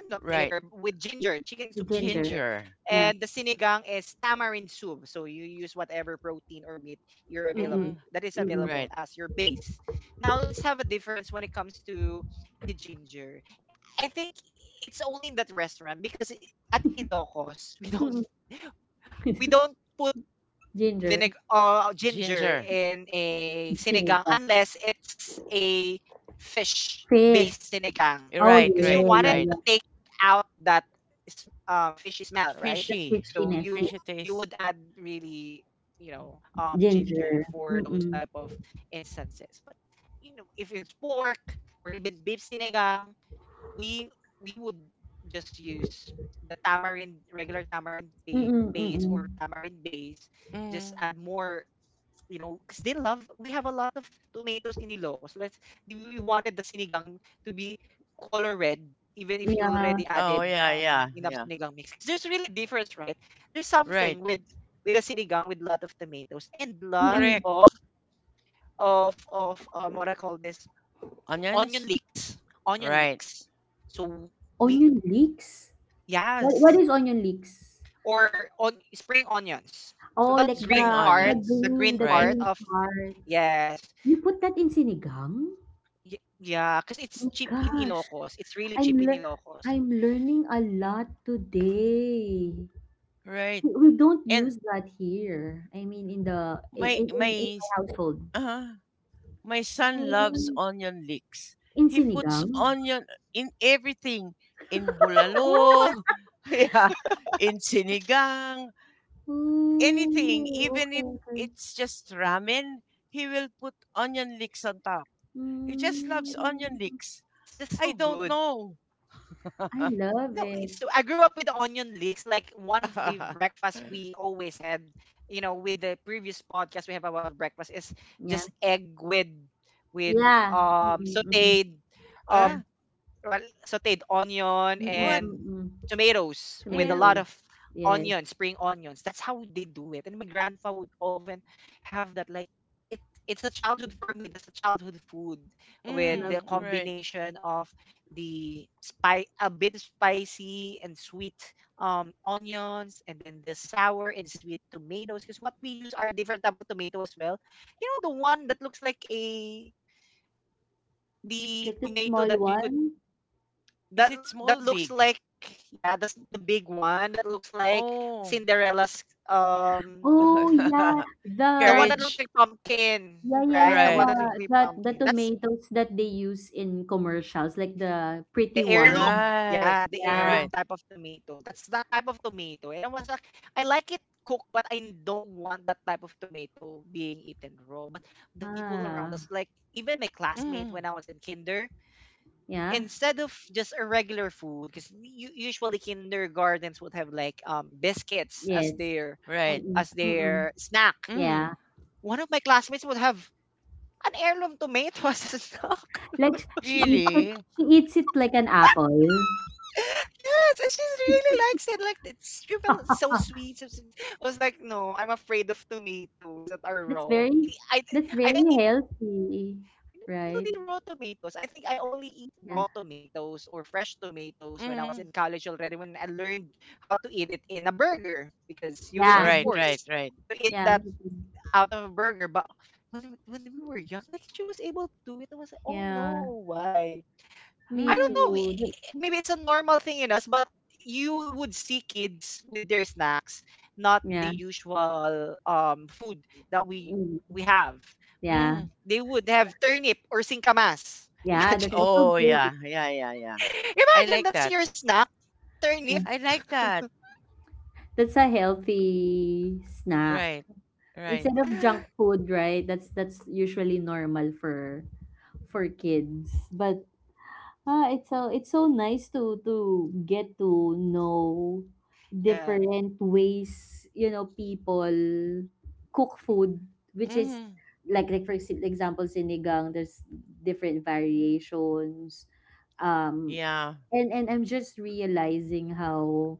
A: and not
B: Right.
A: vinegar, with ginger, chicken
C: the
A: soup with
C: ginger
A: ginger.
B: Ginger.
A: And
C: yeah
A: the sinigang is tamarind soup. So you use whatever protein or meat you're
C: mm
A: available
B: Mm-hmm.
A: that is
C: mm mm
A: available
B: Right.
A: as your base. Now let's have a difference when it comes to the ginger. I think it's only in that restaurant because at Ilocos, we don't
C: mm
A: we don't put
C: ginger.
A: vinegar or ginger
B: Ginger.
A: in a sinigang
C: Seaweed, yeah.
A: unless it's a fish
C: Fish.
A: based sinigang,
C: Oh,
B: Right.
A: because you
B: Right.
C: yeah,
A: wanted
C: yeah,
B: Right.
A: to
C: yeah.
A: take out that fish smell, right.
C: The
B: Fishy.
A: So
C: fishiness,
A: you
C: yes.
B: Fishy
A: you
B: taste.
A: would add really,
C: Ginger.
A: ginger for those
C: Mm-mm.
A: type of instances. But, if it's pork or even beef sinigang, we we would just use the tamarind regular tamarind
C: Mm-mm,
A: paste,
C: mm-mm.
A: or tamarind base. Just
B: Mm-hmm.
A: add more, because they love we have a lot of tomatoes in Ilocos. Let's We wanted the sinigang to be color red, even if you
C: Yeah.
A: already
B: Oh,
A: added
B: yeah. Yeah.
A: enough
B: Yeah.
A: sinigang mix, because there's really difference, right. There's
B: Right.
A: something with a sinigang with lot of tomatoes and lot
C: Mm-mm.
B: Correct.
A: of what I call this,
B: Onions?
A: onion leeks onion
B: Right.
A: leeks. So we
C: Onion leeks? What
A: Yes.
C: is onion leeks?
A: Or on spring onions.
C: Oh,
A: So that
C: like
B: Spring
A: green part,
B: onions.
C: the
B: Right.
C: green
A: of,
C: part.
A: yes.
C: You put that in sinigang?
A: Yeah, because it's
C: My
A: cheap in
C: gosh.
A: Ilocos. It's really
C: I'm
A: cheap in
C: lear
A: Ilocos.
C: I'm learning a lot today.
B: Right.
C: We don't
B: And
C: use that here. I mean, in the
B: my
C: in
B: my
C: my household.
B: uh my son loves
C: Mm.
B: onion leeks.
C: In
B: He puts
C: sinigang?
B: onion in everything. In
A: It's so
B: bulalo,
A: good.
B: yeah, in sinigang, anything,
C: Oh,
B: even
C: okay,
B: if
C: okay.
B: it's just ramen, he will put onion leeks on top. He just loves
C: Mm,
B: onion leeks.
A: It's
B: I
A: just so
B: don't
A: good.
B: know.
C: I love
A: No,
C: it.
A: it's so I grew up with the onion leeks. Like, one of the breakfasts we always had, you know, with the previous podcast we have about breakfast, is
C: Yeah.
A: just egg with with
C: Yeah.
A: um
C: Mm-mm, mm-mm.
A: sauteed um
C: Yeah.
B: Uh,
A: well, sauteed onion
C: Mm-mm,
B: what?
A: and
C: mm-mm.
A: tomatoes with a
B: Mm.
A: lot
C: Tomatoes.
A: of
C: Yes,
A: onion, spring onions. That's how they do it. And my grandpa would often have that, like, it it's a childhood for me. That's a childhood food
C: love
A: with the
B: Mm,
C: it.
B: right.
A: combination of the spice, a bit spicy and sweet, onions, and then the sour and sweet tomatoes, because what we use are different type of tomato as well. You know the one that looks like a,
C: Like the
A: the
C: small
A: tomato that you
C: one.
A: could
B: Is it
A: that
B: small,
A: that
B: big?
A: looks like, yeah, that's the big one that looks like
B: Oh,
A: cinderella's,
C: Oh
A: um
C: yeah, the
A: the
B: courage.
A: one that looks like
C: yeah
A: pumpkin
C: yeah yeah
B: Right,
A: right the one that looks like
C: the
A: pumpkin. That's
C: tomatoes that they use in commercials, like the pretty
A: the
C: one.
B: right,
A: heirloom, yeah,
C: Yeah.
A: the
B: right.
A: heirloom type of tomato. That's that type of tomato, and I was like, I like it cooked, but I don't want that type of tomato being eaten raw. But the people
C: Ah.
A: around us, like even my
B: Mm,
A: classmate when I was in kinder,
C: Yeah.
A: instead of just a regular food, because usually kindergartens would have like biscuits as
C: Yes.
A: their
B: right.
C: Mm-mm, mm-mm.
A: snack.
C: Yeah.
B: Mm,
A: One of my classmates would have an heirloom tomato as a snack.
C: Like sh-
B: really?
C: she eats it like an apple.
A: Yes, and she really likes it. Like, it's, she felt it's so sweet. She was like, I was like, no, I'm afraid of tomatoes that
C: That's
A: are
C: very
A: raw. I
C: that's
A: I
C: very
A: I don't eat
C: healthy, right?
A: I don't eat raw tomatoes. I think I only
C: Yeah.
A: eat raw tomatoes or fresh
B: Mm,
A: tomatoes when I was in college already, when I learned how to eat it in a burger,
C: Yeah.
A: because
B: right,
C: Me
A: you would
C: too.
A: be
B: right, right.
A: forced
C: Yeah,
A: to
C: me
A: eat
C: too.
A: that out of burger. But when we were young, like, she was able to do it. I was like,
C: Yeah.
A: oh no, why?
C: Me
B: Mm,
A: I
C: too.
A: don't
C: Th-
A: know. Maybe it's a normal thing in us, but you would see kids with their snacks, not
C: Yeah.
A: the usual food that
C: Mm.
A: we have.
C: Yeah.
B: mm.
A: They would have turnip or singkamas.
C: Yeah, that's also
A: Imagine,
B: Oh,
C: good.
B: yeah, yeah, yeah, yeah. I like
A: imagine
B: that.
A: that's your snack,
C: Yeah.
B: I
A: turnip.
B: like that.
C: That's a healthy snack.
B: Right, right.
C: Instead of junk food, right? That's usually normal for kids. But Ah, it's so nice to get to know different
A: Yeah,
C: ways, you know, people cook food, which is
B: Mm,
C: like for ex- example sinigang, there's different variations. Um
B: yeah.
C: and I'm just realizing how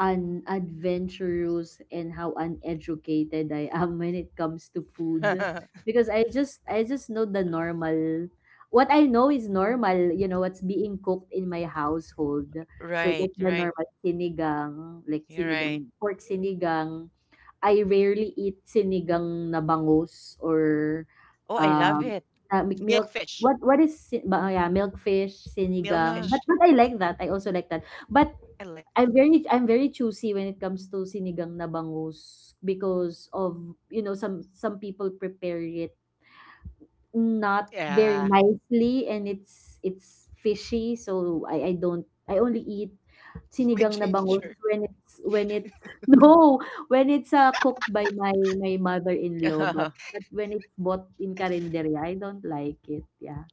C: unadventurous and how uneducated I am when it comes to food because I just know the normal what I know is normal you know what's being cooked in my household so
B: Right,
C: like the
B: right,
C: normal sinigang like
B: you're right.
C: sinigang pork sinigang I rarely eat sinigang na bangus or
B: Oh, I love
C: um
B: it.
C: milk
A: milkfish,
C: what is si- ba, yeah, milkfish sinigang
B: Ah,
C: but
A: milkfish.
C: I like that I also like that but
A: I like,
C: I'm very choosy when it comes to sinigang na bangus because of, you know, some people prepare it not
A: yeah,
C: very nicely and it's fishy, so I don't I only eat
A: with
C: sinigang na bangus
A: ginger.
C: when it's no, when it's cooked by my my mother-in-law, but when it's bought in karinderya, I don't like it. Yeah.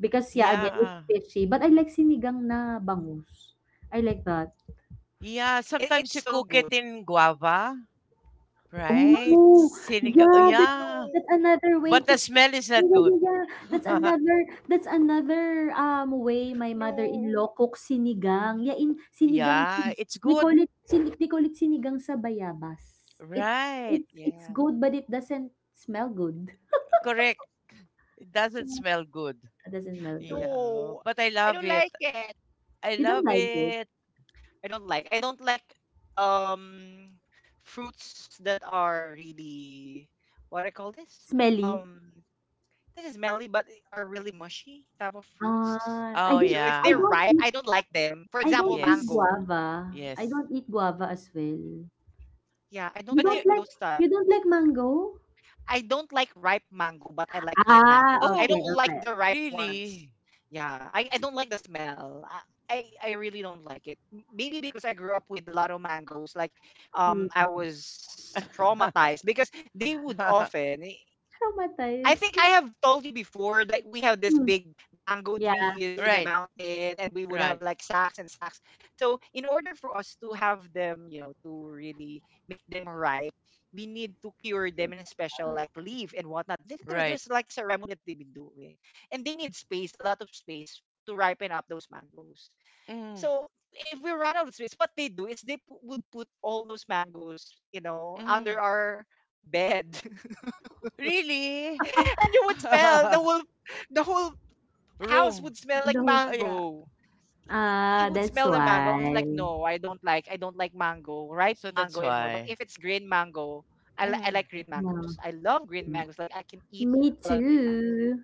C: Because yeah, again, it's
B: yeah.
C: fishy, but I like sinigang na bangus. I like that.
B: Yeah,
A: It,
B: sometimes you
A: it's so
B: cook it
A: good.
B: in guava, right?
A: Ah,
C: Oh,
B: Sinigang.
C: yeah,
B: Yeah,
A: no.
C: that's another way
B: but
C: to.
B: the smell is not
C: Yeah, yeah,
B: good.
C: yeah. Yeah. That's another that's another way my
A: No.
C: mother-in-law cooks sinigang. Yeah, in sinigang sa
B: Yeah, it's
C: they
B: good.
C: call it sin they call it sinigang sa bayabas. It
B: Right.
C: it's
A: Yeah.
C: good but it doesn't smell good.
B: Correct. It doesn't
C: Yeah,
B: smell good.
C: it doesn't smell good.
A: No.
B: Yeah, but I
A: I don't
B: love it.
A: like it.
B: I
C: You don't
B: love
C: like it?
B: it.
A: I don't like. I don't like um fruits that are really, what I call this?
C: Smelly.
A: Um, this is melly, but are really mushy type of fruits.
C: Ah,
B: Oh,
A: So if they're
B: yeah.
A: ripe, I don't like them. For
C: I
A: example,
C: don't eat
A: mango.
B: Yes.
C: guava. I
B: Yes.
C: don't eat guava as well.
A: Yeah, I don't
C: You
B: But you,
A: like
C: don't like
A: those type.
C: you don't like mango?
A: I don't like ripe mango, but I like green
C: Ah,
A: mangoes. I
B: oh,
C: okay,
A: don't like
C: okay.
A: the ripe ones.
B: really?
A: Yeah, I don't like the smell. I really don't like it. Maybe because I grew up with a lot of mangoes. Like,
C: Hmm,
A: I was traumatized because they would often. I
C: traumatized.
A: think I have told you before that we have this
C: Hmm,
A: big mango
C: yeah,
A: trees in the
B: Right.
A: mountain, and we would have
B: Right.
A: like sacks and sacks. So in order for us to have them, you know, to really make them ripe, we need to cure them in a special, like, leaf and whatnot. There's
B: Right.
A: like ceremony that they've been doing. And they need space, a lot of space to ripen up those mangoes.
B: Mm,
A: So if we run out of space, what they do is they would put all those mangoes, you know, under
B: mm.
A: our bed.
B: Really?
A: And you would smell the whole house would smell
B: Room.
A: like
C: no.
B: Oh,
A: mango.
B: yeah.
A: It, it would
C: Ah,
A: smell the
C: that's
A: mango. I was like,
C: why.
A: no, I don't like mango, ripe mango
B: So
A: anymore.
B: that's
A: But if it's
B: why.
A: green mango, I like green
B: Mm.
A: mangoes. I
C: Yeah,
A: love green mangoes.
C: yeah.
A: Like, I can eat a
C: Me
A: lot of green mango.
C: too.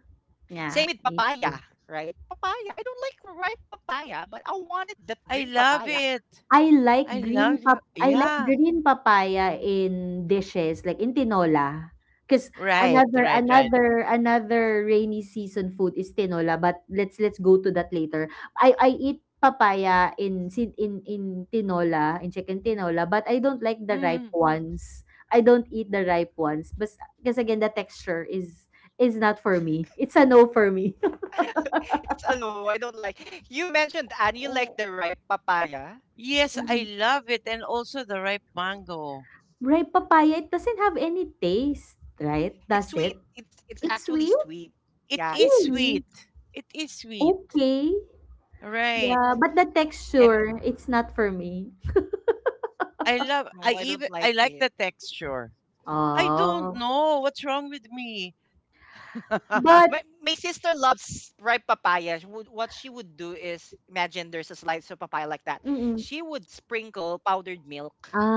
A: Same
C: Yeah,
A: with
C: me
A: papaya,
C: too.
A: right? Papaya. I don't like ripe papaya, but I wanted that
B: I
A: green
B: love
A: papaya.
B: it. I love you.
C: I like
B: Yeah.
C: green papaya in dishes, like in tinola. 'Cause
B: Right,
C: another
B: right, right.
C: another another rainy season food is tinola, but let's go to that later. I eat papaya in tinola, in chicken tinola, but I don't like the ripe
B: Mm.
C: ones. I don't eat the ripe ones but because again, the texture is not for me. It's a no for me.
A: It's a no. I don't like. You mentioned and you like the
B: Oh,
A: ripe papaya.
B: yes, I
C: Mm.
B: love it. And also the ripe mango.
C: Ripe papaya, it doesn't have any taste, right?
A: It's
C: Does
A: sweet.
C: it?
A: It's
C: It's
A: actually
C: sweet?
A: sweet. Yeah,
B: It is
A: it's
C: Really?
B: sweet. It is sweet.
C: Okay.
B: Right.
C: Yeah, but the
A: and
C: texture, it's not for me.
B: I
A: No, I
B: love
A: don't
B: I
A: like
B: even
A: it.
B: I like the texture. I don't
C: Oh.
B: know what's wrong with me.
A: My
C: But
A: sister loves ripe papaya. She would, what she would do is, imagine there's a slice of papaya like that. She would
C: mm.
A: sprinkle powdered milk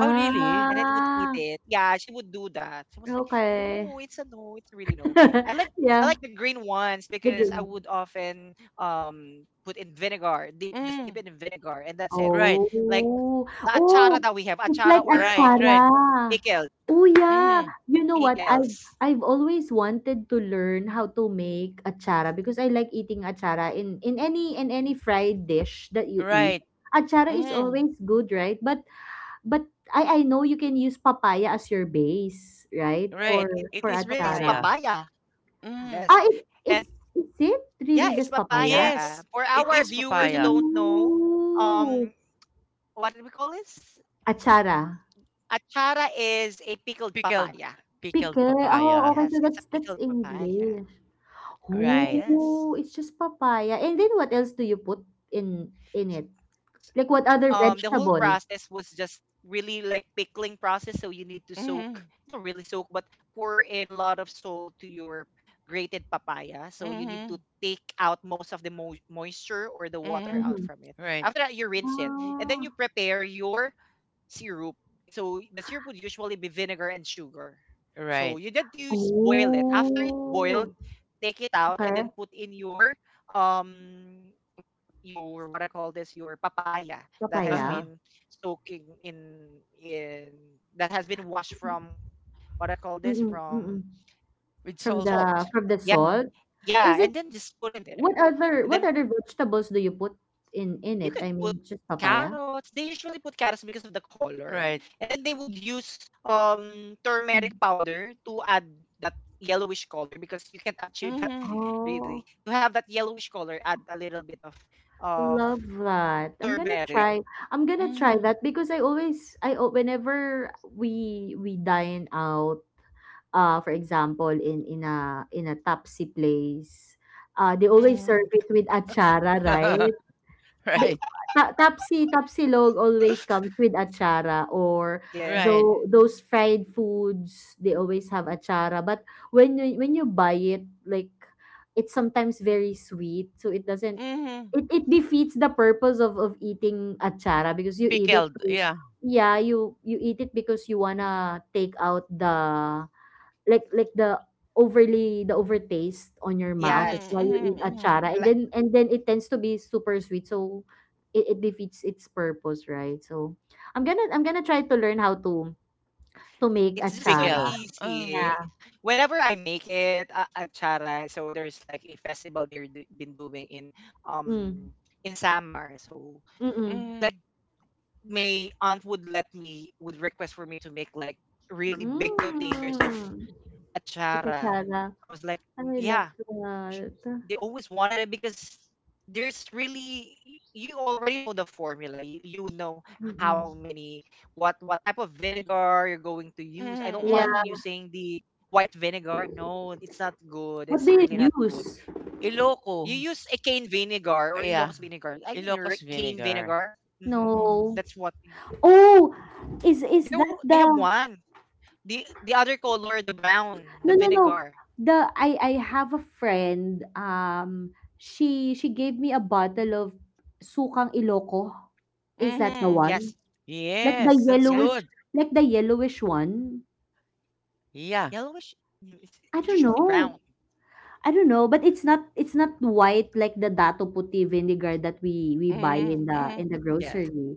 B: Oh
A: and then would
B: really?
A: eat it. Yeah, she would do that. She was like, no, it's a
C: okay.
A: no, it's a really no. I like I like the
C: Yeah,
A: green ones because
C: the
A: I
C: green
A: would
C: one.
A: often put in vinegar, dip just dip it in
B: Mm.
A: vinegar, and that's it.
B: Right,
A: Like the
C: Oh.
A: achara that we have,
C: Oh,
A: achara,
C: it's like
A: or
B: right, right.
A: pickles,
C: atsara. Oh, yeah.
B: Mm.
C: You know what? I've
A: pickles.
C: I've always wanted to learn how to make atsara because I like eating atsara in any fried dish that you eat.
B: Right.
C: Atsara is
B: Mm.
C: always good, right? But I know you can use papaya as your base, right?
B: Right.
A: It,
B: It
C: For
A: it's
B: is
A: really is
B: papaya.
C: atsara.
A: papaya. Yes.
B: Mm.
C: Ah, it,
A: And
C: is it
A: yeah, it's
C: really just papaya?
A: papaya. For
B: Yes,
A: our
B: it is Mm.
A: viewers who don't
B: papaya.
A: know, um,
C: Ooh.
A: what did we call this?
C: Achara.
A: Achara is a pickled papaya.
B: Pickled pickled
C: Pickle. Oh,
A: Yes,
B: papaya.
C: okay.
A: it's a
C: So that's
A: pickled
C: that's
A: papaya.
C: English.
B: Right.
A: Yes.
C: Ooh, it's just papaya. And then what else do you put in it?
A: S-
C: Like what
A: The
C: other
A: whole process
C: vegetable?
A: was just really like pickling process. So you need to soak, you know,
B: Mhm.
A: really soak, but pour in a lot of salt to your grated papaya. So you need to
B: Mhm.
A: take out most of the moisture or the water out from it.
B: Mhm.
C: Mm-hmm.
A: After that, you
B: Right.
A: rinse it, and then you
C: Ah.
A: prepare your syrup. So the syrup would usually be vinegar and sugar. So you
B: Right.
A: just use boil it. After it boiled,
C: Oh.
A: take it out and then
C: Okay.
A: put in um your what I call this your papaya that has been
C: Papaya.
B: Uh-huh.
A: soaking in that has been washed from what I call this
C: Mm-mm,
A: from
C: mm-mm.
B: With
C: From
B: salt.
A: salt.
C: the from the
A: Yep.
B: Uh-huh.
C: salt?
A: Yeah,
C: Is
A: and
C: it
A: then just put it there.
C: what
A: And
C: other
A: then
C: what other vegetables do you put in
A: you
C: it?
A: could
C: I
A: put
C: mean, just papaya?
A: carrots. They usually put carrots because of the color.
B: Right.
A: And then they would use turmeric powder to add that yellowish color because you can't achieve that
B: Mhm.
C: Oh,
A: really. To have that yellowish color, add a little bit of of
C: love that. I'm gonna
A: turmeric.
C: try. I'm gonna try
B: Mhm.
C: that because I always I al- whenever we dine out, for example in a tapsi place, they always serve
B: Mhm.
C: it with achara, right? Bi
B: Right.
C: ta tapsi tapsilog always comes with atsara, or
A: Yeah.
B: Right.
C: those fried foods, they always have atsara, but when you buy it, like, it's sometimes very sweet, so it doesn't
B: Mhm.
C: it it defeats the purpose of eating atsara because you eat it
B: Pickled.
C: to,
B: Yeah.
C: yeah, you eat it because you wanna take out the, like the overtaste on your mouth. That's
B: Mhm.
A: Yes.
C: why you
B: Mhm.
C: eat
B: Mhm.
C: achara,
A: La-
C: and then it tends to be super sweet, so it defeats its purpose, right? So I'm gonna try to learn how to make
A: It's just so
C: achara.
B: Pickle. Uh.
A: easy.
C: Yeah.
A: Whenever I make it a at Chara, so there's like a festival they've been doing
C: Mm.
A: um in Samar. So
C: Mm.
A: like
B: Mhm.
A: my aunt would let me would request for me to make like really big containers of
C: Mm. Like
A: achara.
C: achara.
A: I was like,
C: I love
A: yeah, sh-
C: that.
A: they always wanted it because there's really you already know the formula. You would know how
C: Mm-mm.
A: many what type of vinegar you're going to use. I don't
B: Mhm.
A: want
C: Yeah.
A: using
B: Mhm.
A: the white vinegar. No, it's not good. It's really not
C: What do you
A: good.
C: use?
A: You
B: Iloco.
A: use a cane vinegar or Ilocos
B: Yeah.
A: vinegar. I mean,
B: Ilocos
A: cane
B: vinegar.
A: vinegar. Hmm. That's
B: Mhm.
C: No.
A: what.
C: Oh, is
A: They
C: is that
A: they have
C: the...
A: one. The other color, the brown, the
C: No, no, no.
A: vinegar.
C: The I have a friend. She gave me a bottle of sukang Iloko. Is that the
B: Mhm.
A: Yes,
C: one? Like the
B: Yes, that's
A: yes,
B: good.
C: yellowish, like the yellowish one.
B: Yeah.
A: yellowish.
C: I don't
A: It's usually
C: know.
A: brown.
C: I don't know, but it's not white like the Dato Puti vinegar that we buy in
B: Mhm,
C: the in
B: mhm,
C: the
A: Yeah,
C: grocery.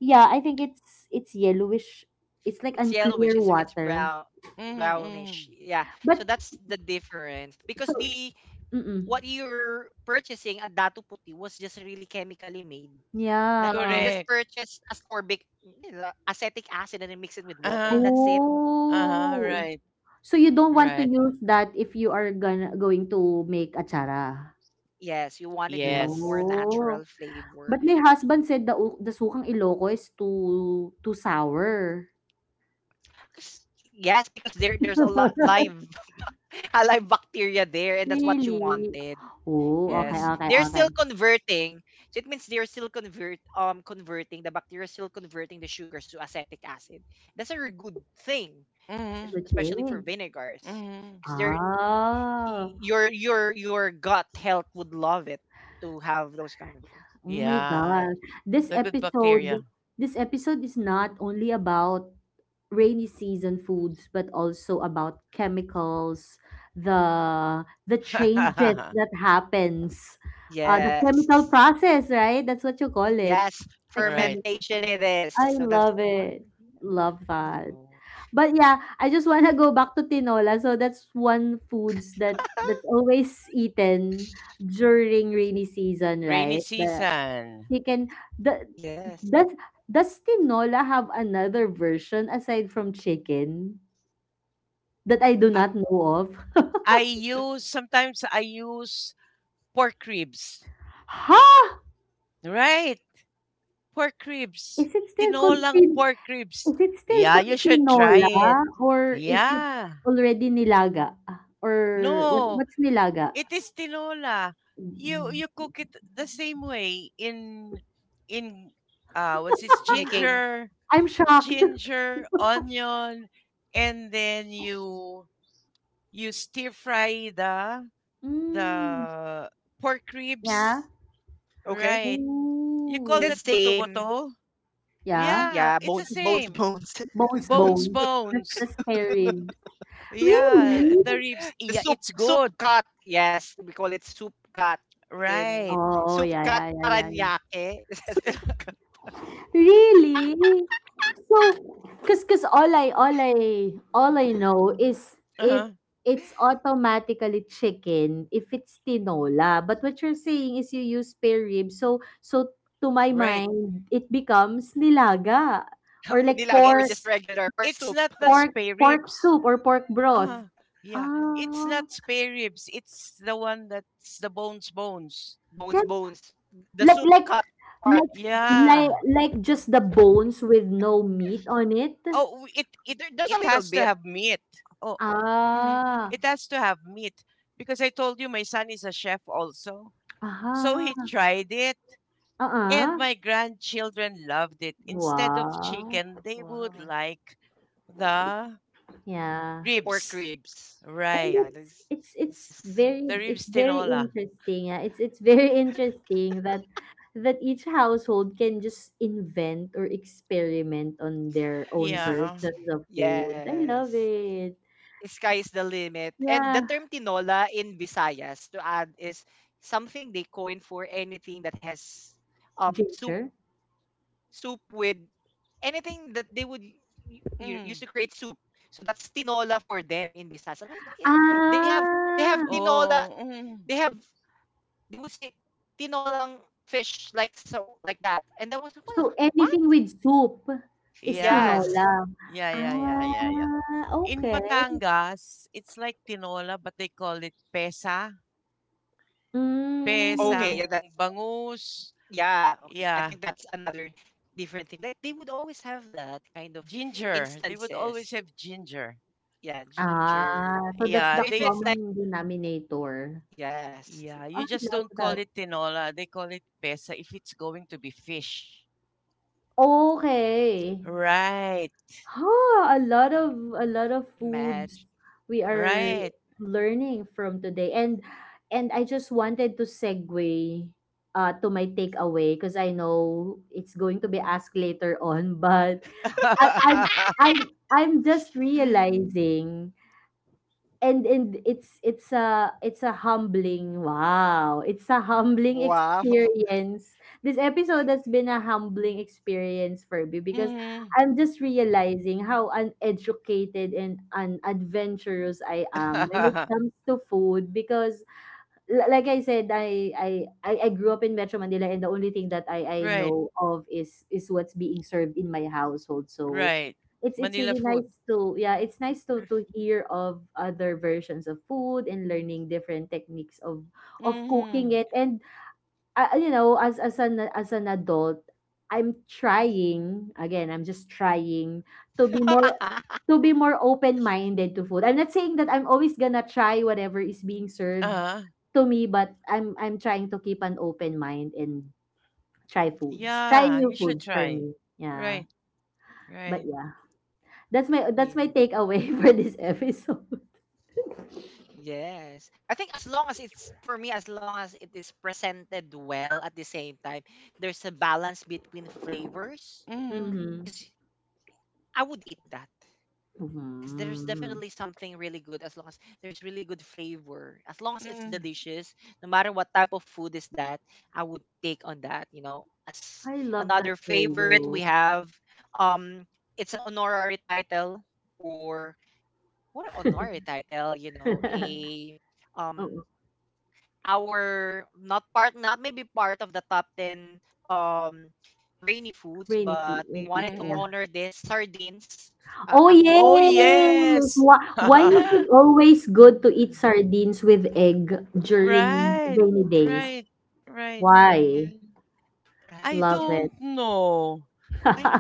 C: Yeah, I think it's yellowish. It's like
A: it's
C: unclear
A: yellowish. It's
C: water.
A: brown,
B: mhm, mhm.
A: brownish. Yeah.
C: But
A: So that's the difference
C: so,
A: because the
C: mm-mm.
A: what you're purchasing at Datu Puti was just really chemically made. Na
C: Yeah.
A: you just
B: Correct.
A: purchase ascorbic, you know, acetic acid, and then mix it with water,
B: Uh-huh.
A: and that's it.
B: Uh-huh.
C: Oh.
B: Right.
C: So, you don't want to
B: Right.
C: use that if you are gonna going to make atsara?
A: Yes, you wanted to have
B: Yes.
A: more
C: Oh.
A: natural
C: But my
A: flavor.
C: husband said the sukang Ilocco is too sour.
A: 'Cause- Yes, because there's a lot live alive bacteria there and that's what you
C: Really?
A: wanted.
C: Oh, okay,
A: Yes,
B: Mm.
C: okay,
A: they're
C: okay.
A: still converting. So it means they're still converting. The bacteria is still converting the sugars to acetic acid. That's a very good thing,
C: That's a
B: Mhm.
C: good
A: especially for
C: thing.
A: vinegars
B: Mhm.
A: because they're
C: Ah.
A: your your gut health would love it to have those kind of things.
C: Oh my
B: Yeah.
C: gosh. This
B: The good
C: episode,
B: bacteria.
C: this episode is not only about rainy season foods, but also about chemicals, the changes that happens, the chemical
A: Yes,
C: process, right? That's what you call it. The
A: yes,
B: Right.
C: chemical.
A: fermentation it
C: I
A: is,
C: love
A: so that's
C: it.
A: part of
C: Love
A: it.
C: that.
A: No.
C: But yeah, I just want to go back to tinola. So that's one foods that's always eaten during rainy season, right?
B: Rainy
C: The
B: season.
C: she can the does
A: Yes.
C: does tinola have another version aside from chicken that I do
B: I,
C: not know of?
B: I use
A: The
B: sometimes I use pork ribs.
C: Ha!
B: Right. Pork ribs.
C: Is it still called
B: Tinolang
C: tin,
B: pork ribs.
C: is it still
B: Yeah, you
C: called
B: should try it.
C: tinola or is it
B: Yeah.
C: already nilaga? Or what
B: No,
C: what's nilaga?
B: it is tinola. You
C: Mm.
B: you cook it the same way in what's this ginger,
A: making.
C: I'm shocked.
B: ginger, onion, and then you stir fry
C: Mm,
B: the pork
C: yeah.
B: ribs, right?
A: Okay.
B: You call
C: Ooh.
B: that buto
A: And the
B: buto?
A: same.
C: Yeah.
B: Yeah, it's the
A: Yeah, bones,
B: same.
A: bones,
C: Bones,
A: bones.
B: Bones
C: bones. That's
B: bones.
C: the spare ribs.
B: Yeah, the
C: Really?
B: ribs. Yeah,
A: The
B: it's
A: soup,
B: good.
A: soup cut. Yes, we call it soup cut in
B: Right.
C: Oh,
A: soup
C: yeah,
A: cut
C: yeah, yeah, yeah, yeah.
A: paranaque. Is that
C: So
A: soup cut?
C: Really? So, cause all I know is if
B: Uh-huh.
C: it's automatically chicken if it's tinola. But what you're saying is you use spare rib. So to my
B: Right.
C: mind, it becomes nilaga, or like
A: Nilaga
B: It's
A: or just regular
B: not
A: pork
B: the
A: soup.
C: pork
B: spare
C: pork
B: ribs.
C: soup or pork broth.
B: Uh, yeah, it's
C: Ah,
B: not spare ribs. It's the one that's the bones bones.
C: can
A: Bones, bones.
C: like
A: The
C: like
A: soup cut
C: like
A: part.
B: Yeah.
C: like just the bones with no meat on it.
B: Oh, it it
A: There,
B: has
A: there's a
B: to have
A: little bit.
B: meat. Oh, mm,
C: Ah,
B: it has to have meat because I told you my son is a chef also. So he
C: aha.
B: tried it and
C: Uh-uh.
B: my grandchildren loved it. Instead of
C: Wow.
B: chicken, they would
A: Wow.
B: like the
C: Yeah.
B: ribs.
A: Pork ribs.
C: And
B: Right.
C: it's
A: Yeah,
C: it's
A: this
C: it's
A: this is
B: The
C: very
A: so.
C: it's
B: ribs
C: very
B: tinola.
C: interesting. Yeah. It's very interesting that each household can just invent or experiment on their own
A: it's-
B: Yeah.
C: versions of foods. I love
A: Yes.
C: it.
A: Sky is the limit. And
C: Yeah.
A: the term tinola in Visayas to add is something they coin for anything that has um
C: Ginger.
A: soup with anything that they would
B: Mm-hmm.
A: use to create soup. So that's tinola for them in Visayas. And I was like, "Eh, they have they
C: Ah.
A: have
B: Oh,
A: tinola.
B: mm,
A: They have they would say tinolang fish like so like that." And that was
C: So
A: like, well,
C: anything
A: what?
C: with soup is
B: yeah.
C: tinola.
A: Yes.
B: Yeah, yeah, yeah, yeah, yeah.
C: Ah,
B: In
C: okay.
B: Batangas, it's like tinola, but they call it pesa.
C: Mm.
A: Okay. Yeah.
B: Pesang
A: That's
B: bangus.
A: yeah. Okay.
B: Yeah,
A: I think that's another different thing. Like they would always have that kind of
B: ginger. They would always have
A: instances.
B: ginger.
A: Yeah.
C: Ah,
A: Ginger.
C: so that's
B: Yeah,
C: the
A: So if
B: they
A: it's like
C: common denominator.
B: yeah,
A: yes,
C: I
B: you just
C: love
B: don't call
C: that.
B: it tinola. They call it pesa if it's going to be fish.
C: Okay.
B: Right.
C: Ha, a lot of a lot of foods
A: imagine.
C: we are
B: Right.
C: learning from today. And I just wanted to segue to my takeaway because I know it's going to be asked later on, but I I'm I'm just realizing, and it's a humbling
A: Wow.
C: experience. This episode has been a humbling experience for me because
B: Mhm.
C: I'm just realizing how uneducated and unadventurous I am when it comes to food because, li like I said, I grew up in Metro Manila and the only thing that I
B: Right,
C: know of is what's being served in my household. So
B: right.
C: it's
B: Manila
C: really
B: food.
C: nice to yeah, it's nice to hear of other versions of food and learning different techniques of cooking
B: Mhm.
C: it. And as an adult, I'm trying, again, I'm just trying to be more to be more open-minded to food. I'm not saying that I'm always gonna try whatever is being served
B: Uh,
C: to me, but I'm trying to keep an open mind and try foods. Try
B: yeah,
C: new
B: you should
C: foods for
B: try.
C: me. Yeah.
B: Right, right.
C: But yeah, that's my
A: Mm,
C: takeaway for this episode.
A: Yes. I think as long as it's for me, as long as it is presented well at the same time, there's a balance between flavors.
B: Mm-hmm,
C: Mm-hmm.
A: Because I would eat that. Because there's
C: Mm-hmm.
A: definitely something really good as long as there's really good flavor. As long as it's
B: mm-hmm,
A: delicious, no matter what type of food is that, I would take on that, you know. As
C: I love that
A: another
C: for
A: favorite
C: you.
A: we have, um, it's an honorary title or what an honorary title, you know, a
C: Oo.
A: um our not part not maybe part of the top 10 um rainy
C: Rainy
A: foods,
C: food, rainy
A: but we
C: season, yeah.
B: mm-hmm.
A: wanted to honor this sardines.
C: Oh,
A: I
B: Oh,
A: hope.
C: yes!
B: yes.
C: Why is it
A: Yeah,
C: always good to eat sardines with egg during
B: Right,
C: rainy days?
B: right, right.
C: Why?
B: I
A: right.
C: Love
A: Yeah,
C: it.
B: don't know.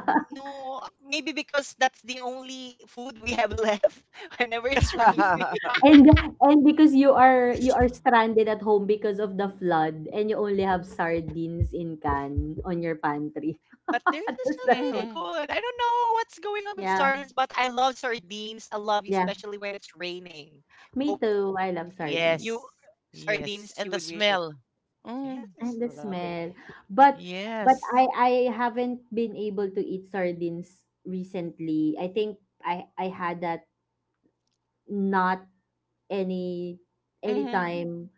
A: right. No, maybe because that's the only food we have left whenever it's raining.
C: And and because you are stranded at home because of the flood and you only have sardines in can on your pantry.
A: But they're
C: That's
A: just,
C: that's
A: just
C: what,
B: Hmm.
A: really good. I don't know what's going on
C: yeah,
A: with sardines, but I love sardines. I
C: yeah.
A: love you, especially when it's raining.
C: Me
A: Hope.
C: too, I love sardines.
B: Yes,
A: You
B: yes. And the
A: sardines, you would
B: smell.
A: wish it.
B: Mm,
C: And the
A: Yes, love
C: smell.
A: it.
C: But but
B: yes.
C: I haven't been able to eat sardines recently. I think I had that not any any
B: Hmm.
C: time.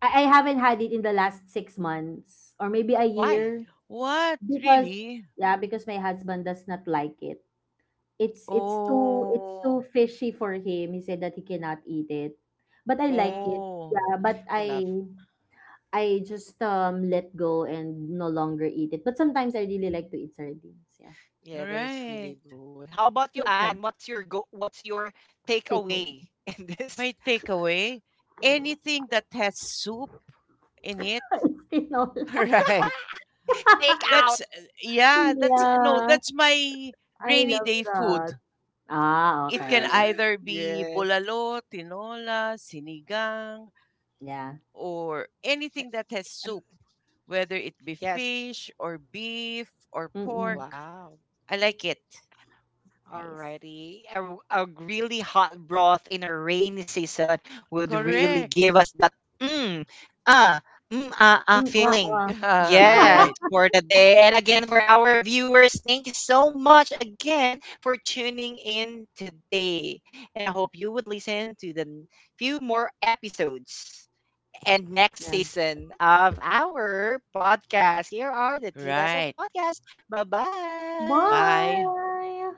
C: I haven't had it in the last 6 months, or maybe a
A: Why?
C: year.
B: What,
C: Because
B: really?
C: Yeah, because my husband does not like it. It's
B: Oh,
C: too fishy for him. He said that he cannot eat it. But I like
A: Mm,
C: it.
B: oh,
C: Yeah, but
A: I
C: I
A: love.
C: I just let go and no longer eat it. But sometimes I really like to eat sardines. Yeah.
A: Yeah, that is
B: right.
A: really good. How
C: So
A: about you,
C: sad.
A: Anne? What's your go? What's your
C: Sickle.
A: takeaway in
B: My
A: this
B: takeaway, anything that has soup in it.
C: Tinola.
B: Right.
A: take out?
B: That's no,
C: Yeah.
B: that's my
C: I
B: rainy
C: love
B: day food.
C: that. Ah,
B: It can
C: okay.
B: either
A: Yes,
B: be bulalo, tinola, sinigang,
C: Yeah.
B: or anything that has
A: and
B: soup, whether it be
A: yes.
B: fish or beef or
C: Mm-mm.
B: pork.
A: Wow.
B: I like it.
C: Nice.
A: Alrighty. A really hot broth in a rainy season would really
B: Correct.
A: give us that mm, ah, mm, ah,
C: Mm,
A: ah
C: ah, ah.
A: feeling.
B: All right.
A: Yes, for the day. And again, for our viewers, thank you so much again for tuning in today. And I hope you would listen to the few more episodes and next
C: Yeah.
A: season of our podcast. Here are the Tidas of
B: Right.
A: Podcast. Bye bye.
B: Bye.
C: Bye.